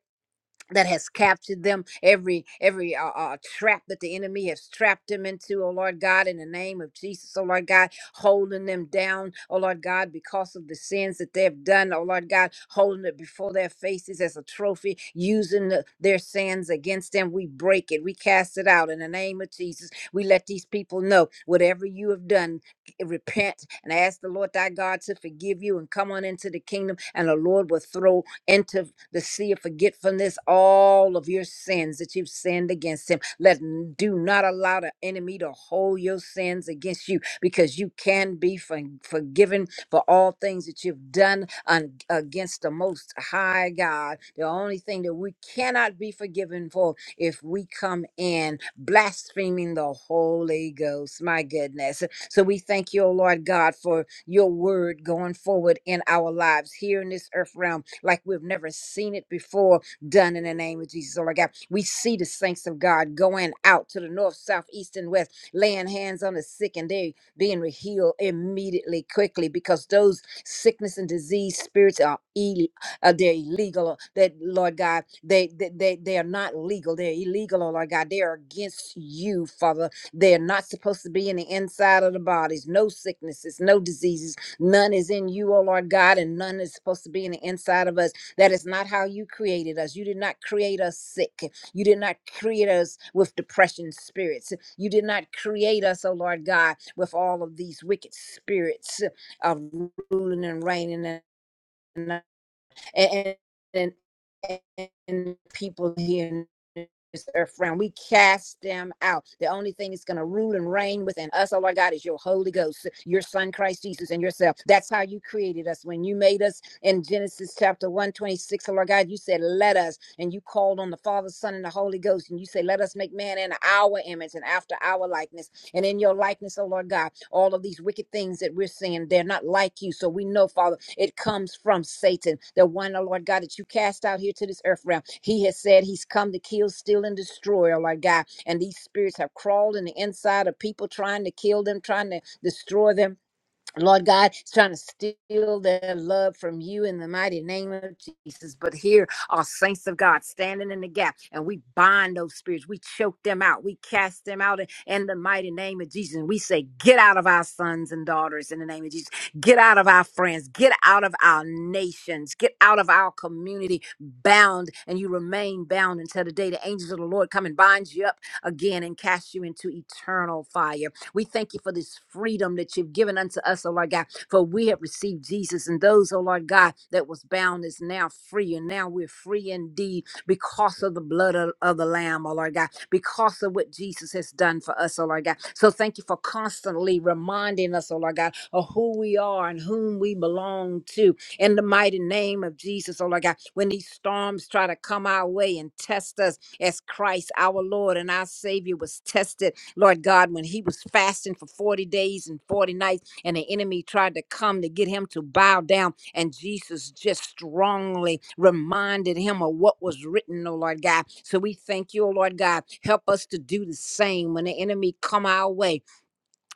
that has captured them every every uh, uh, trap that the enemy has trapped them into oh lord god in the name of jesus oh lord god holding them down oh lord god because of the sins that they have done oh lord god holding it before their faces as a trophy using the, their sins against them we break it we cast it out in the name of jesus we let these people know whatever you have done repent and ask the lord thy god to forgive you and come on into the kingdom and the lord will throw into the sea of forgetfulness all of your sins that you've sinned against him. Let do not allow the enemy to hold your sins against you because you can be for- forgiven for all things that you've done un- against the most high God. The only thing that we cannot be forgiven for if we come in blaspheming the Holy Ghost. My goodness. So we thank you, O Lord God, for your word going forward in our lives here in this earth realm, like we've never seen it before, done in the name of Jesus, O Lord God. We see the saints of God going out to the north, south, east, and west, laying hands on the sick, and they being healed immediately, quickly, because those sickness and disease spirits are ill, uh, they're illegal. That Lord God, they, they they they are not legal. They're illegal, oh Lord God. They are against you, Father they're not supposed to be in the inside of the bodies. No sicknesses, no diseases. None is in you, O Lord God, and none is supposed to be in the inside of us. That is not how you created us. You did not create us sick. You did not create us with depression spirits. You did not create us, O Lord God, with all of these wicked spirits of ruling and reigning. and and and, and people here in this earth realm. We cast them out. The only thing that's going to rule and reign within us, oh Lord God, is your Holy Ghost, your Son Christ Jesus, and yourself. That's how you created us. When you made us in Genesis chapter one twenty six, O Lord God, you said, Let us, and you called on the Father, Son, and the Holy Ghost, and you said, Let us make man in our image and after our likeness and in your likeness, oh Lord God. All of these wicked things that we're seeing, they're not like you. So we know, Father, it comes from Satan, the one, oh Lord God, that you cast out here to this earth realm. He has said he's come to kill, steal, and destroy, oh Lord God. And these spirits have crawled in the inside of people trying to kill them, trying to destroy them Lord God, is trying to steal their love from you in the mighty name of Jesus. But here are saints of God standing in the gap, and we bind those spirits. We choke them out. We cast them out in, in the mighty name of Jesus. And we say, Get out of our sons and daughters in the name of Jesus. Get out of our friends. Get out of our nations. Get out of our community bound, and you remain bound until the day the angels of the Lord come and bind you up again and cast you into eternal fire. We thank you for this freedom that you've given unto us, oh Lord God. For we have received Jesus, and those, oh Lord God, that was bound is now free, and now we're free indeed because of the blood of, of the Lamb, oh Lord God, because of what Jesus has done for us, oh Lord God. So thank you for constantly reminding us, oh Lord God, of who we are and whom we belong to. In the mighty name of Jesus, oh Lord God, when these storms try to come our way and test us as Christ, our Lord and our Savior, was tested Lord God, when he was fasting for 40 days and 40 nights, and the enemy tried to come to get him to bow down, and Jesus just strongly reminded him of what was written, oh Lord God. So we thank you, oh Lord God. Help us to do the same when the enemy come our way.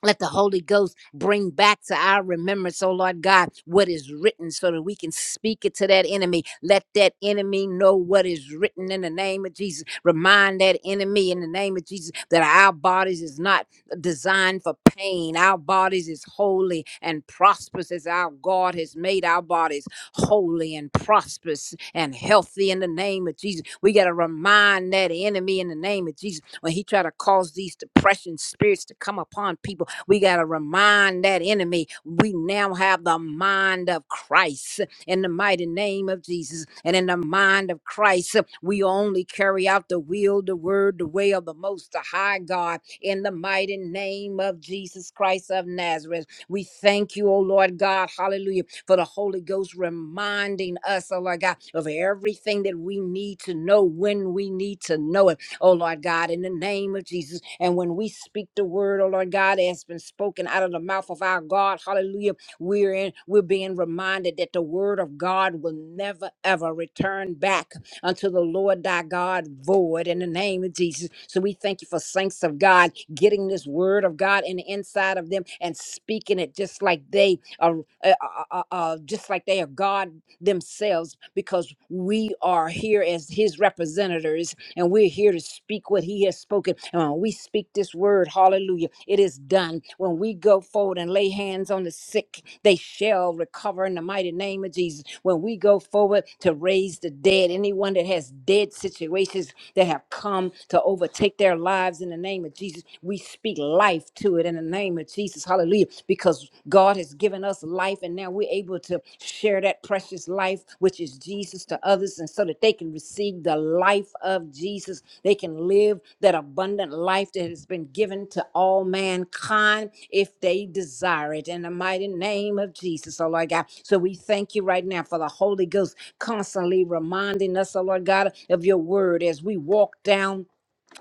Let the Holy Ghost bring back to our remembrance, oh Lord God, what is written so that we can speak it to that enemy. Let that enemy know what is written in the name of Jesus. Remind that enemy in the name of Jesus that our bodies is not designed for pain. Our bodies is holy and prosperous as our God has made our bodies holy and prosperous and healthy in the name of Jesus. We got to remind that enemy in the name of Jesus when he try to cause these depression spirits to come upon people we got to remind that enemy we now have the mind of Christ in the mighty name of Jesus. And in the mind of Christ, we only carry out the will, the word, the way of the most high God in the mighty name of Jesus Christ of Nazareth. We thank you, O Lord God, hallelujah, for the Holy Ghost reminding us, O Lord God, of everything that we need to know when we need to know it oh Lord God, in the name of Jesus. And when we speak the word, oh Lord God, that has been spoken out of the mouth of our God, hallelujah, we're in, we're being reminded that the word of God will never ever return back unto the Lord thy God void in the name of Jesus. So we thank you for saints of God getting this word of God in the inside of them and speaking it just like they are, uh, uh, uh, uh, just like they are God themselves because we are here as his representatives and we're here to speak what he has spoken. And when we speak this word, hallelujah, it is done. When we go forward and lay hands on the sick, they shall recover in the mighty name of Jesus. When we go forward to raise the dead, anyone that has dead situations, that have come to overtake their lives in the name of Jesus. We speak life to it in the name of Jesus. Hallelujah. Because God has given us life and now we're able to share that precious life, which is Jesus, to others. And so that they can receive the life of Jesus, they can live that abundant life that has been given to all mankind if they desire it in the mighty name of Jesus, oh Lord God. So we thank you right now for the Holy Ghost constantly reminding us, oh Lord God, of your word as we walk down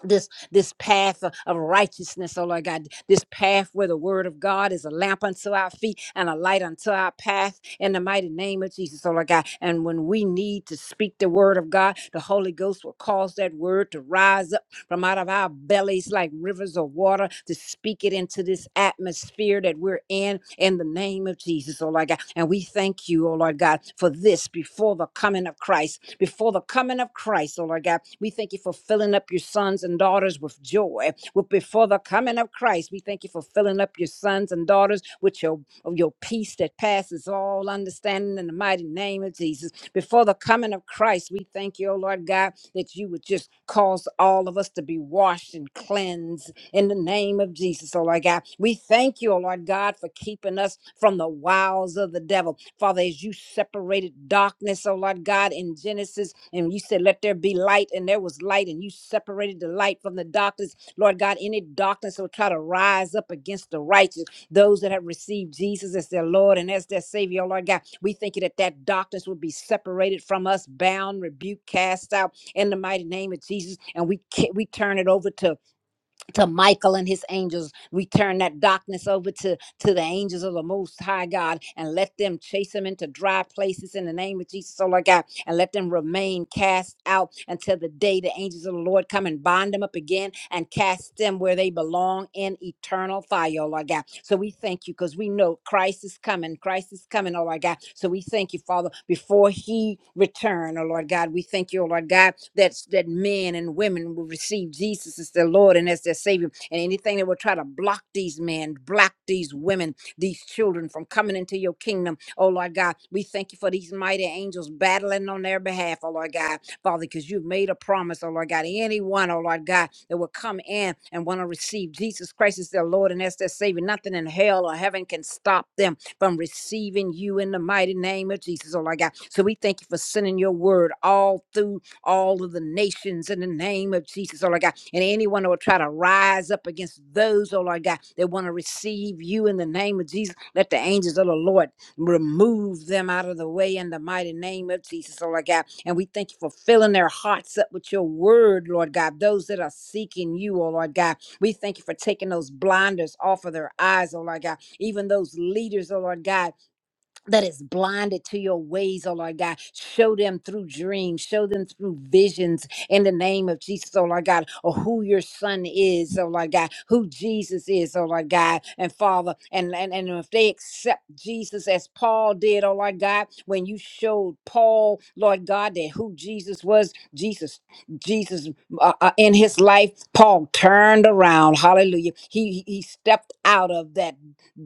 this this path of, of righteousness, oh Lord God, this path where the word of God is a lamp unto our feet and a light unto our path in the mighty name of Jesus, oh Lord God. And when we need to speak the word of God, the Holy Ghost will cause that word to rise up from out of our bellies like rivers of water to speak it into this atmosphere that we're in in the name of Jesus, oh Lord God. And we thank you, oh Lord God, for this before the coming of Christ before the coming of Christ, oh Lord God. We thank you for filling up your sons and daughters with joy. With before the coming of Christ, we thank you for filling up your sons and daughters with your of your peace that passes all understanding in the mighty name of Jesus. Before the coming of Christ, we thank you, oh Lord God, that you would just cause all of us to be washed and cleansed in the name of Jesus, oh Lord God. We thank you, oh Lord God, for keeping us from the wiles of the devil. Father, as you separated darkness, oh Lord God, in Genesis, and you said, Let there be light, and there was light, and you separated the light from the darkness. Lord God, any darkness will try to rise up against the righteous, those that have received Jesus as their Lord and as their Savior, oh Lord God. We thank you that that darkness will be separated from us, bound, rebuked, cast out in the mighty name of Jesus. And we ca- we turn it over to to Michael and his angels. We turn that darkness over to, to the angels of the Most High God and let them chase him into dry places in the name of Jesus. So, Lord God, and let them remain cast out until the day the angels of the Lord come and bind them up again and cast them where they belong in eternal fire, oh Lord God. So we thank you because we know Christ is coming. Christ is coming, oh Lord God. So we thank you, Father, before he return, oh Lord God. We thank you, oh Lord God, that, that men and women will receive Jesus as their Lord and as their Savior. And anything that will try to block these men, block these women, these children from coming into your kingdom. Oh, Lord God, we thank you for these mighty angels battling on their behalf, oh, Lord God. Father, because you've made a promise, oh Lord God, anyone, oh Lord God, that will come in and want to receive Jesus Christ as their Lord and as their Savior. Nothing in hell or heaven can stop them from receiving you in the mighty name of Jesus, oh Lord God. So we thank you for sending your word all through all of the nations in the name of Jesus, oh Lord God. And anyone who will try to rise up against those, oh Lord God, that want to receive you in the name of Jesus, let the angels of the Lord remove them out of the way in the mighty name of Jesus, oh Lord God. And we thank you for filling their hearts up with your word, Lord God. Those that are seeking you, oh Lord God. We thank you for taking those blinders off of their eyes, oh Lord God. Even those leaders, oh Lord God that is blinded to your ways, oh Lord God. Show them through dreams, show them through visions in the name of Jesus, oh Lord God, or who your son is, oh Lord God, who Jesus is, oh Lord God, and Father. And, and, and if they accept Jesus as Paul did, oh Lord God, when you showed Paul, Lord God, that who Jesus was, Jesus, Jesus uh, uh, in his life, Paul turned around, hallelujah. He, he he stepped out of that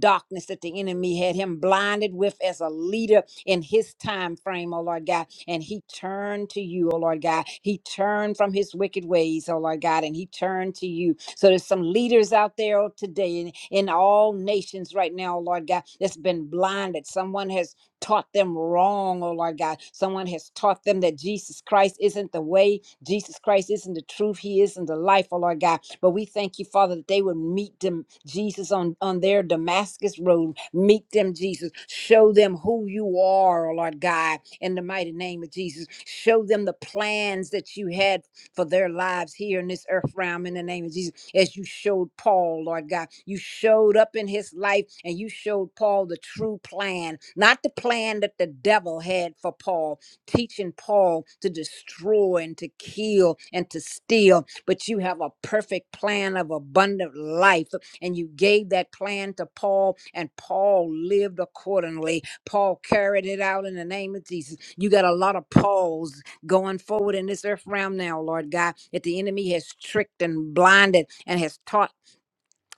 darkness that the enemy had him blinded with as a leader in his time frame, oh Lord God. And he turned to you, oh Lord God. He turned from his wicked ways, oh Lord God, and he turned to you. So there's some leaders out there oh, today in, in all nations right now, oh Lord God, that's been blinded. Someone has taught them wrong, oh Lord God. Someone has taught them that Jesus Christ isn't the way, Jesus Christ isn't the truth. He isn't the life, oh Lord God. But we thank you, Father, that they would meet them, Jesus, on, on their Damascus road. Meet them, Jesus. Show them who you are, oh Lord God, in the mighty name of Jesus. Show them the plans that you had for their lives here in this earth realm in the name of Jesus. As you showed Paul, Lord God, you showed up in his life and you showed Paul the true plan, not the plan that the devil had for Paul teaching Paul to destroy and to kill and to steal, but you have a perfect plan of abundant life. And you gave that plan to Paul, and Paul lived accordingly. Paul carried it out in the name of Jesus. You got a lot of Pauls going forward in this earth realm now, Lord God, that the enemy has tricked and blinded and has taught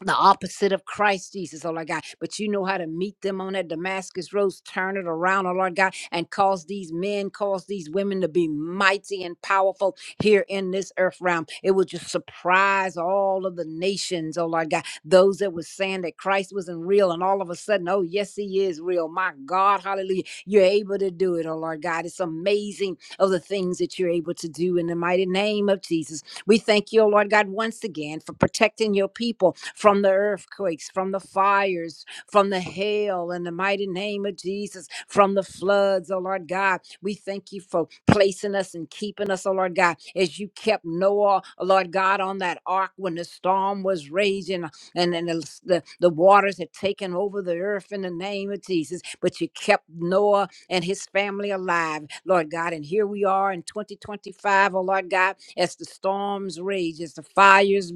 the opposite of Christ Jesus, oh Lord God. But you know how to meet them on that Damascus Road, turn it around, oh Lord God, and cause these men, cause these women to be mighty and powerful here in this earth realm. It will just surprise all of the nations, oh Lord God. Those that were saying that Christ wasn't real, and all of a sudden, oh yes, he is real. My God, hallelujah. You're able to do it, oh Lord God. It's amazing of the things that you're able to do in the mighty name of Jesus. We thank you, O Lord God, once again for protecting your people from the earthquakes, from the fires, from the hail, in the mighty name of Jesus, from the floods, O Lord God. We thank you for placing us and keeping us, O Lord God, as you kept Noah, O Lord God, on that ark when the storm was raging and and the, the, the waters had taken over the earth in the name of Jesus. But you kept Noah and his family alive, Lord God. And here we are in 2025, O Lord God, as the storms rage, as the fires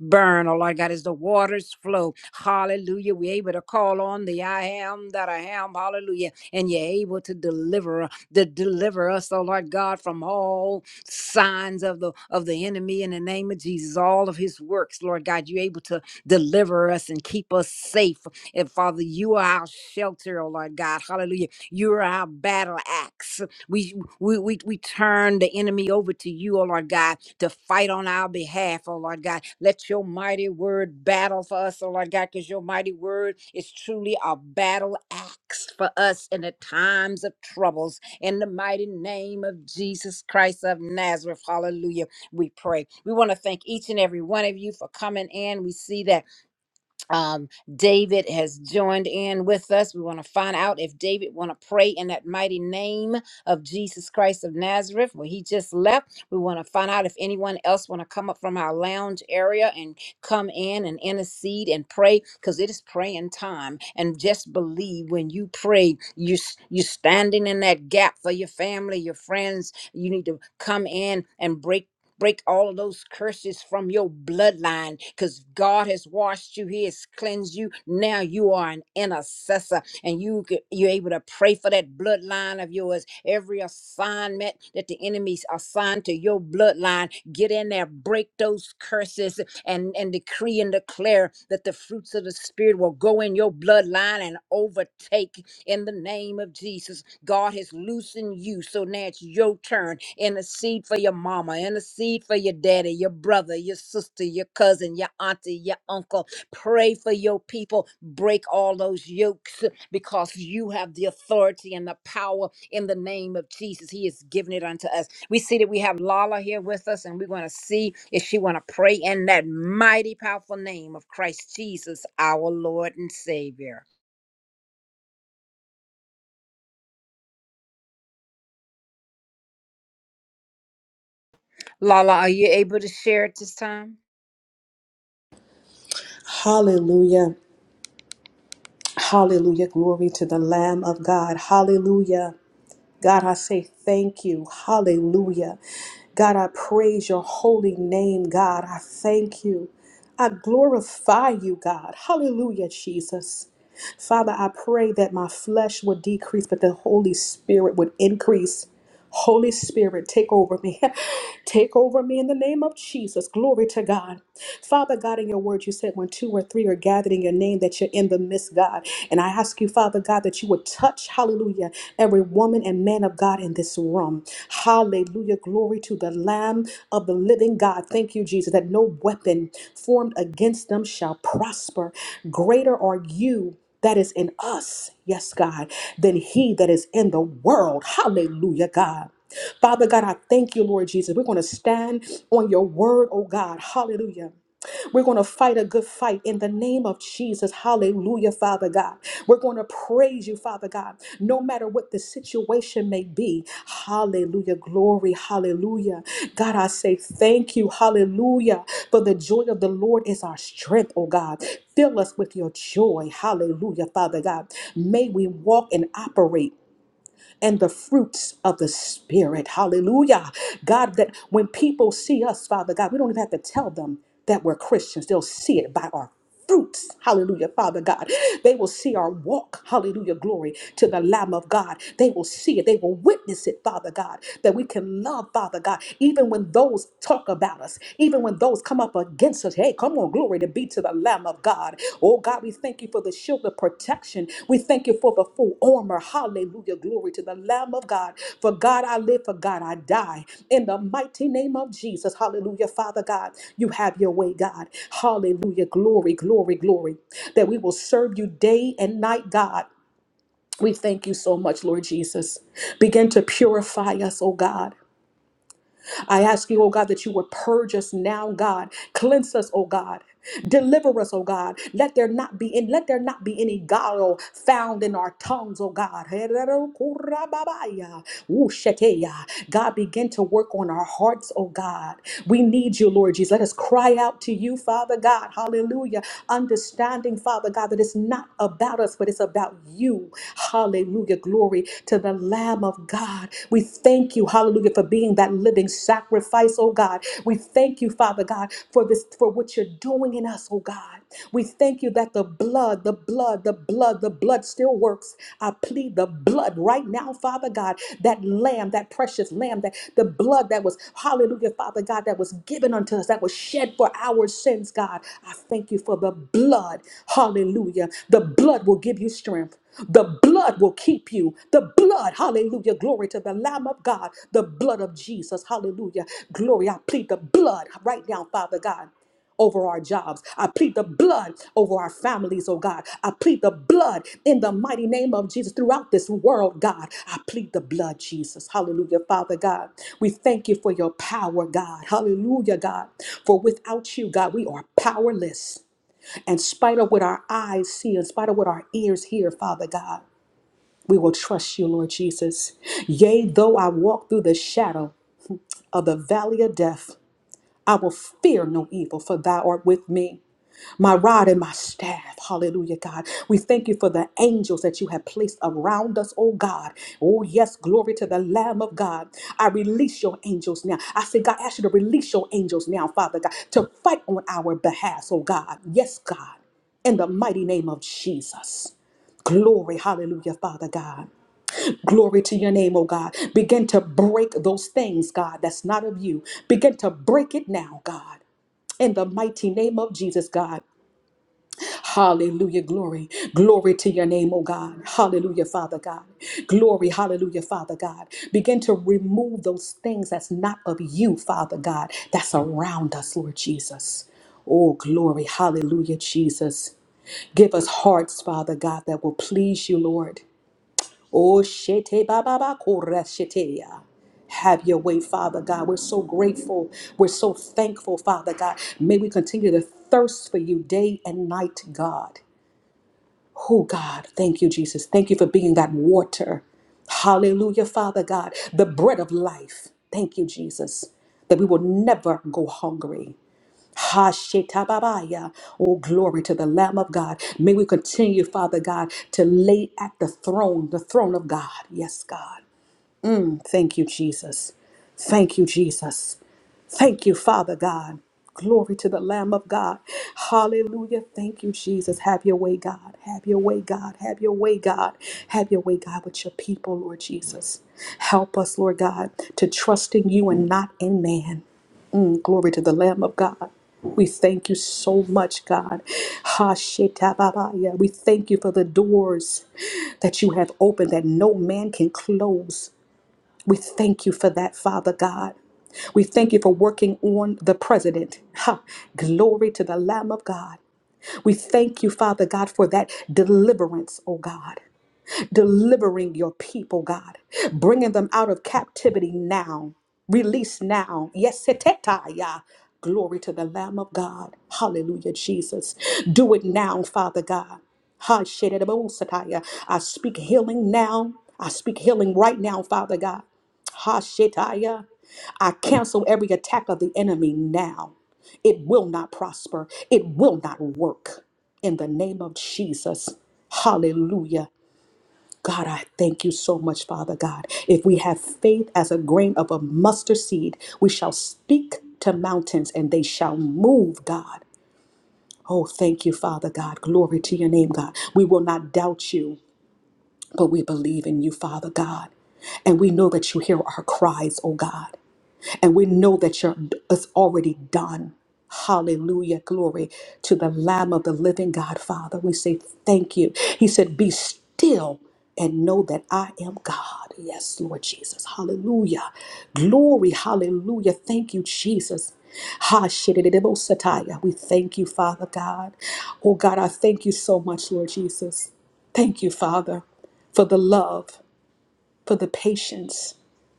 burn, oh Lord God, as the waters flow. Hallelujah. We're able to call on the I am that I am. Hallelujah. And you're able to deliver to deliver us, oh Lord God, from all signs of the of the enemy in the name of Jesus, all of his works, Lord God. You're able to deliver us and keep us safe. And Father, you are our shelter, oh Lord God. Hallelujah you're our battle axe. We, we, we, we turn the enemy over to you, oh Lord God, to fight on our behalf, oh Lord God. Let your mighty word battle for us, oh Lord God, because your mighty word is truly a battle axe for us in the times of troubles. In the mighty name of Jesus Christ of Nazareth, hallelujah, we pray. We want to thank each and every one of you for coming in. We see that um, David has joined in with us. We want to find out if David want to pray in that mighty name of Jesus Christ of Nazareth, where he just left. We want to find out if anyone else want to come up from our lounge area and come in and intercede and pray, because it is praying time. And just believe when you pray, you s- you're standing in that gap for your family, your friends. You need to come in and break break all of those curses from your bloodline because God has washed you. He has cleansed you. Now you are an intercessor and you, c- you're able to pray for that bloodline of yours. Every assignment that the enemy's assigned to your bloodline, get in there, break those curses and, and decree and declare that the fruits of the Spirit will go in your bloodline and overtake in the name of Jesus. God has loosened you. So now it's your turn. Intercede for your mama, intercede for your daddy, your brother, your sister, your cousin, your auntie, your uncle. Pray for your people. Break all those yokes because you have the authority and the power in the name of Jesus. He has given it unto us. We see that we have Lala here with us, and we're going to see if she want to pray in that mighty, powerful name of Christ Jesus, our Lord and Savior. Lala, are you able to share at this time?
Hallelujah. Hallelujah. Glory to the Lamb of God. Hallelujah. God, I say thank you. Hallelujah. God, I praise your holy name, God. I thank you. I glorify you, God. Hallelujah, Jesus. Father, I pray that my flesh would decrease, but the Holy Spirit would increase. Holy Spirit, take over me. <laughs> take over me in the name of Jesus. Glory to God. Father God, in your word, you said when two or three are gathered in your name, that you're in the midst, God. And I ask you, Father God, that you would touch, hallelujah, every woman and man of God in this room. Hallelujah. Glory to the Lamb of the living God. Thank you, Jesus, that no weapon formed against them shall prosper. Greater are you that is in us, yes, God, than he that is in the world. Hallelujah, God. Father God, I thank you, Lord Jesus. We're going to stand on your word, oh God. Hallelujah. We're going to fight a good fight in the name of Jesus. Hallelujah, Father God. We're going to praise you, Father God, no matter what the situation may be. Hallelujah. Glory. Hallelujah. God, I say thank you. Hallelujah. For the joy of the Lord is our strength, oh God. Fill us with your joy. Hallelujah, Father God. May we walk and operate and the fruits of the Spirit. Hallelujah. God, that when people see us, Father God, we don't even have to tell them that we're Christians. They'll see it by our fruits. Hallelujah, Father God. They will see our walk. Hallelujah, glory to the Lamb of God. They will see it. They will witness it, Father God, that we can love, Father God, even when those talk about us, even when those come up against us. Hey, come on, glory to be to the Lamb of God. Oh God, we thank you for the shield of protection. We thank you for the full armor. Hallelujah. Glory to the Lamb of God. For God I live, for God I die. In the mighty name of Jesus. Hallelujah. Father God, you have your way, God. Hallelujah. Glory, glory, glory. That we will serve you day and night, God. We thank you so much, Lord Jesus. Begin to purify us, oh God. I ask you, oh God, that you would purge us now, God. Cleanse us, oh God. Deliver us, O God. Let there not be in let there not be any guile found in our tongues, O God. God begin to work on our hearts, O God. We need you, Lord Jesus. Let us cry out to you, Father God. Hallelujah. Understanding, Father God, that it's not about us, but it's about you. Hallelujah. Glory to the Lamb. Lamb of God. We thank you, hallelujah, for being that living sacrifice, oh God. We thank you, Father God, for this, for what you're doing in us, oh God. We thank you that the blood, the blood, the blood, the blood still works. I plead the blood right now, Father God, that lamb, that precious lamb, that the blood that was, hallelujah, Father God, that was given unto us, that was shed for our sins, God. I thank you for the blood. Hallelujah. The blood will give you strength. The blood will keep you. The blood, hallelujah, glory to the Lamb of God, the blood of Jesus, hallelujah, glory. I plead the blood right now, Father God over our jobs. I plead the blood over our families, oh God. I plead the blood in the mighty name of Jesus throughout this world, God. I plead the blood, Jesus. Hallelujah, Father God. We thank you for your power, God. Hallelujah, God. For without you, God, we are powerless. In spite of what our eyes see, in spite of what our ears hear, Father God, we will trust you, Lord Jesus. Yea, though I walk through the shadow of the valley of death, I will fear no evil, for thou art with me my rod and my staff. Hallelujah, God. We thank you for the angels that you have placed around us, oh God. Oh, yes, glory to the Lamb of God. I release your angels now. I say, God, I ask you to release your angels now, Father God, to fight on our behalf, oh God. Yes, God, in the mighty name of Jesus. Glory, hallelujah, Father God. Glory to your name, oh God. Begin to break those things, God, that's not of you. Begin to break it now, God. In the mighty name of Jesus, God. Hallelujah. Glory. Glory to your name, oh God. Hallelujah, Father God. Glory. Hallelujah, Father God. Begin to remove those things that's not of you, Father God, that's around us, Lord Jesus. Oh, glory. Hallelujah, Jesus. Give us hearts, Father God, that will please you, Lord. Oh, shete baba ba kora shetea. Have your way, Father God. We're so grateful. We're so thankful, Father God. May we continue to thirst for you day and night, God. Oh God, thank you, Jesus. Thank you for being that water. Hallelujah, Father God, the bread of life. Thank you, Jesus, that we will never go hungry. Ha Oh, glory to the Lamb of God. May we continue, Father God, to lay at the throne, the throne of God. Yes, God. Thank you, Jesus. Thank you, Jesus. Thank you, Father God. Glory to the Lamb of God. Hallelujah. Thank you, Jesus. Have your way, God. Have your way, God. Have your way, God. Have your way, God, with your people, Lord Jesus. Help us, Lord God, to trust in you and not in man. Mm, Glory to the Lamb of God. We thank you so much, God. Hashetababaya. We thank you for the doors that you have opened that no man can close. We thank you for that, Father God. We thank you for working on the president. <laughs> Ha! Glory to the Lamb of God. We thank you, Father God, for that deliverance, oh God delivering your people, God, bringing them out of captivity now, release now. Yes, setetaya. glory to the Lamb of God. Hallelujah, Jesus. Do it now, Father God. Ha, shedebosataya. I speak healing now. I speak healing right now, Father God. Ha, shetaya. I cancel every attack of the enemy now. It will not prosper. It will not work. In the name of Jesus. Hallelujah. God, I thank you so much, Father God. If we have faith as a grain of a mustard seed, we shall speak to mountains and they shall move, God. Oh, thank you, Father God. Glory to your name, God. We will not doubt you, but we believe in you, Father God. And we know that you hear our cries, oh God. And we know that you're, it's already done. Hallelujah. Glory to the Lamb of the living God, Father. We say thank you. He said, Be still and know that I am God. Yes, Lord Jesus. Hallelujah. Glory. Hallelujah. Thank you, Jesus. Ha shidididibosataya. We thank you, Father God. Oh God, I thank you so much, Lord Jesus. Thank you, Father, for the love for the patience,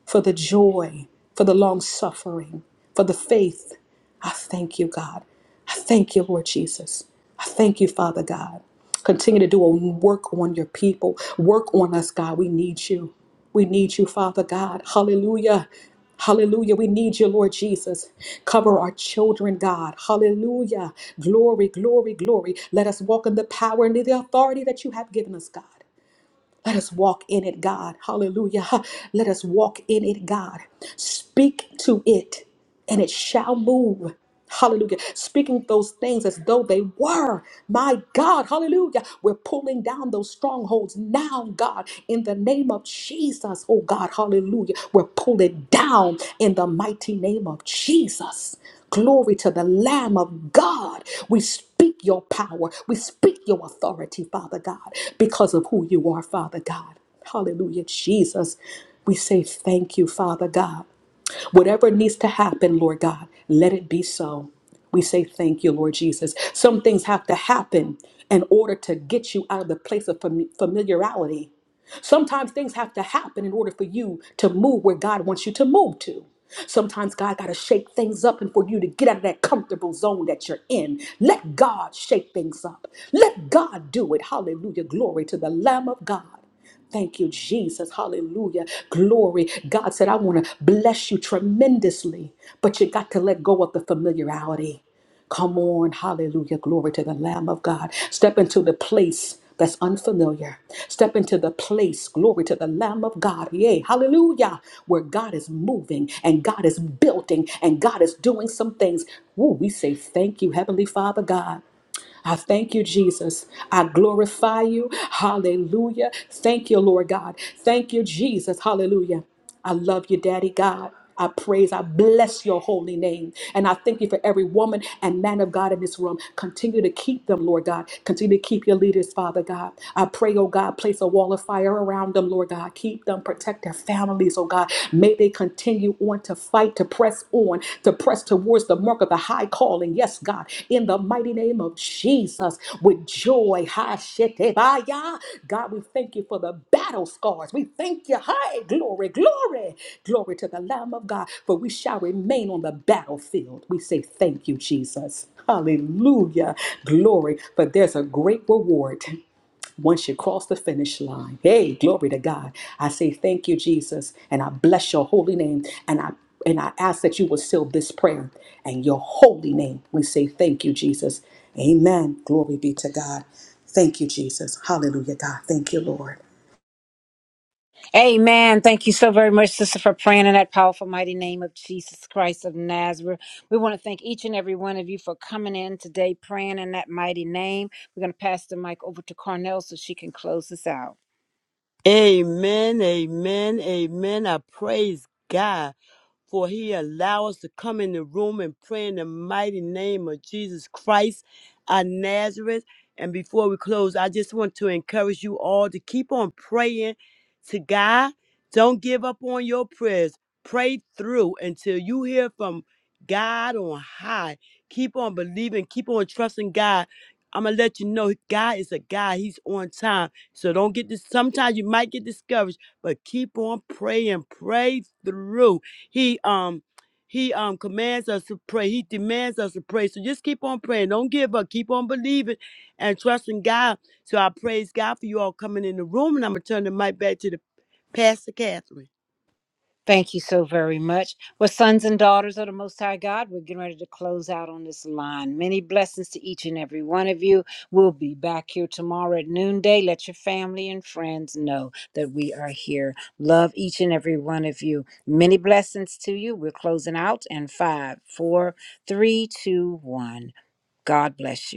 for the joy, for the long suffering, for the faith. I thank you, God. I thank you, Lord Jesus. I thank you, Father God. Continue to do a work on your people. Work on us, God. We need you. We need you, Father God. Hallelujah. Hallelujah. We need you, Lord Jesus. Cover our children, God. Hallelujah. Glory, glory, glory. Let us walk in the power and the authority that you have given us, God. Let us walk in it, God. Hallelujah. <laughs> Let us walk in it, God. Speak to it, and it shall move. Hallelujah. Speaking those things as though they were. My God. Hallelujah. We're pulling down those strongholds now, God, in the name of Jesus. Oh, God. Hallelujah. We're pulling down in the mighty name of Jesus. Glory to the Lamb of God. We speak speak your power. We speak your authority, Father God, because of who you are, Father God. Hallelujah, Jesus. We say thank you, Father God. Whatever needs to happen, Lord God, let it be so. We say thank you, Lord Jesus. Some things have to happen in order to get you out of the place of fam- familiarity Sometimes things have to happen in order for you to move where God wants you to move to. Sometimes God got to shake things up, and for you to get out of that comfortable zone that you're in, let God shake things up. Let God do it. Hallelujah. Glory to the Lamb of God. Thank you, Jesus. Hallelujah. Glory. God said, I want to bless you tremendously, but you got to let go of the familiarity. Come on, hallelujah, glory to the Lamb of God. Step into the place that's unfamiliar. Step into the place, glory to the Lamb of God, yay, hallelujah, where God is moving and God is building and God is doing some things. Woo, we say thank you, Heavenly Father God. I thank you, Jesus. I glorify you. Hallelujah. Thank you, Lord God. Thank you, Jesus. Hallelujah. I love you, Daddy God. I praise, I bless your holy name. And I thank you for every woman and man of God in this room. Continue to keep them, Lord God. Continue to keep your leaders, Father God. I pray, oh God, place a wall of fire around them, Lord God. Keep them, protect their families, oh God. May they continue continue on to fight, to press on, to press towards the mark of the high calling. Yes, God, in the mighty name of Jesus, with joy. Ha, shetebaya. God, we thank you for the battle scars. We thank you. Hi, glory, glory, glory to the Lamb of God, for we shall remain on the battlefield. We say thank you, Jesus. Hallelujah. Glory, for there's a great reward once you cross the finish line. Hey, glory to God. I say thank you, Jesus, and I bless your holy name. And I and I ask that you will seal this prayer in your holy name. We say thank you, Jesus. Amen. Glory be to God. Thank you, Jesus. Hallelujah, God. Thank you, Lord.
Amen. Thank you so very much, sister, for praying in that powerful, mighty name of Jesus Christ of Nazareth. We want to thank each and every one of you for coming in today, praying in that mighty name. We're going to pass the mic over to Carnell so she can close us out.
Amen. Amen. Amen. I praise God. for he allow us to come in the room and pray in the mighty name of Jesus Christ our Nazareth. And before we close, I just want to encourage you all to keep on praying to God. Don't give up on your prayers. Pray through until you hear from God on high. Keep on believing, keep on trusting God. I'm gonna let you know God is a God. He's on time. So don't get this. Sometimes you might get discouraged, but keep on praying. Pray through. He um he um commands us to pray. He demands us to pray. So just keep on praying. Don't give up. Keep on believing and trusting God. So I praise God for you all coming in the room, and I'm gonna turn the mic back to the Pastor Catherine.
Thank you so very much. Well, sons and daughters of the Most High God, we're getting ready to close out on this line. Many blessings to each and every one of you. We'll be back here tomorrow at noonday. Let your family and friends know that we are here. Love each and every one of you. Many blessings to you. We're closing out in five, four, three, two, one. God bless you.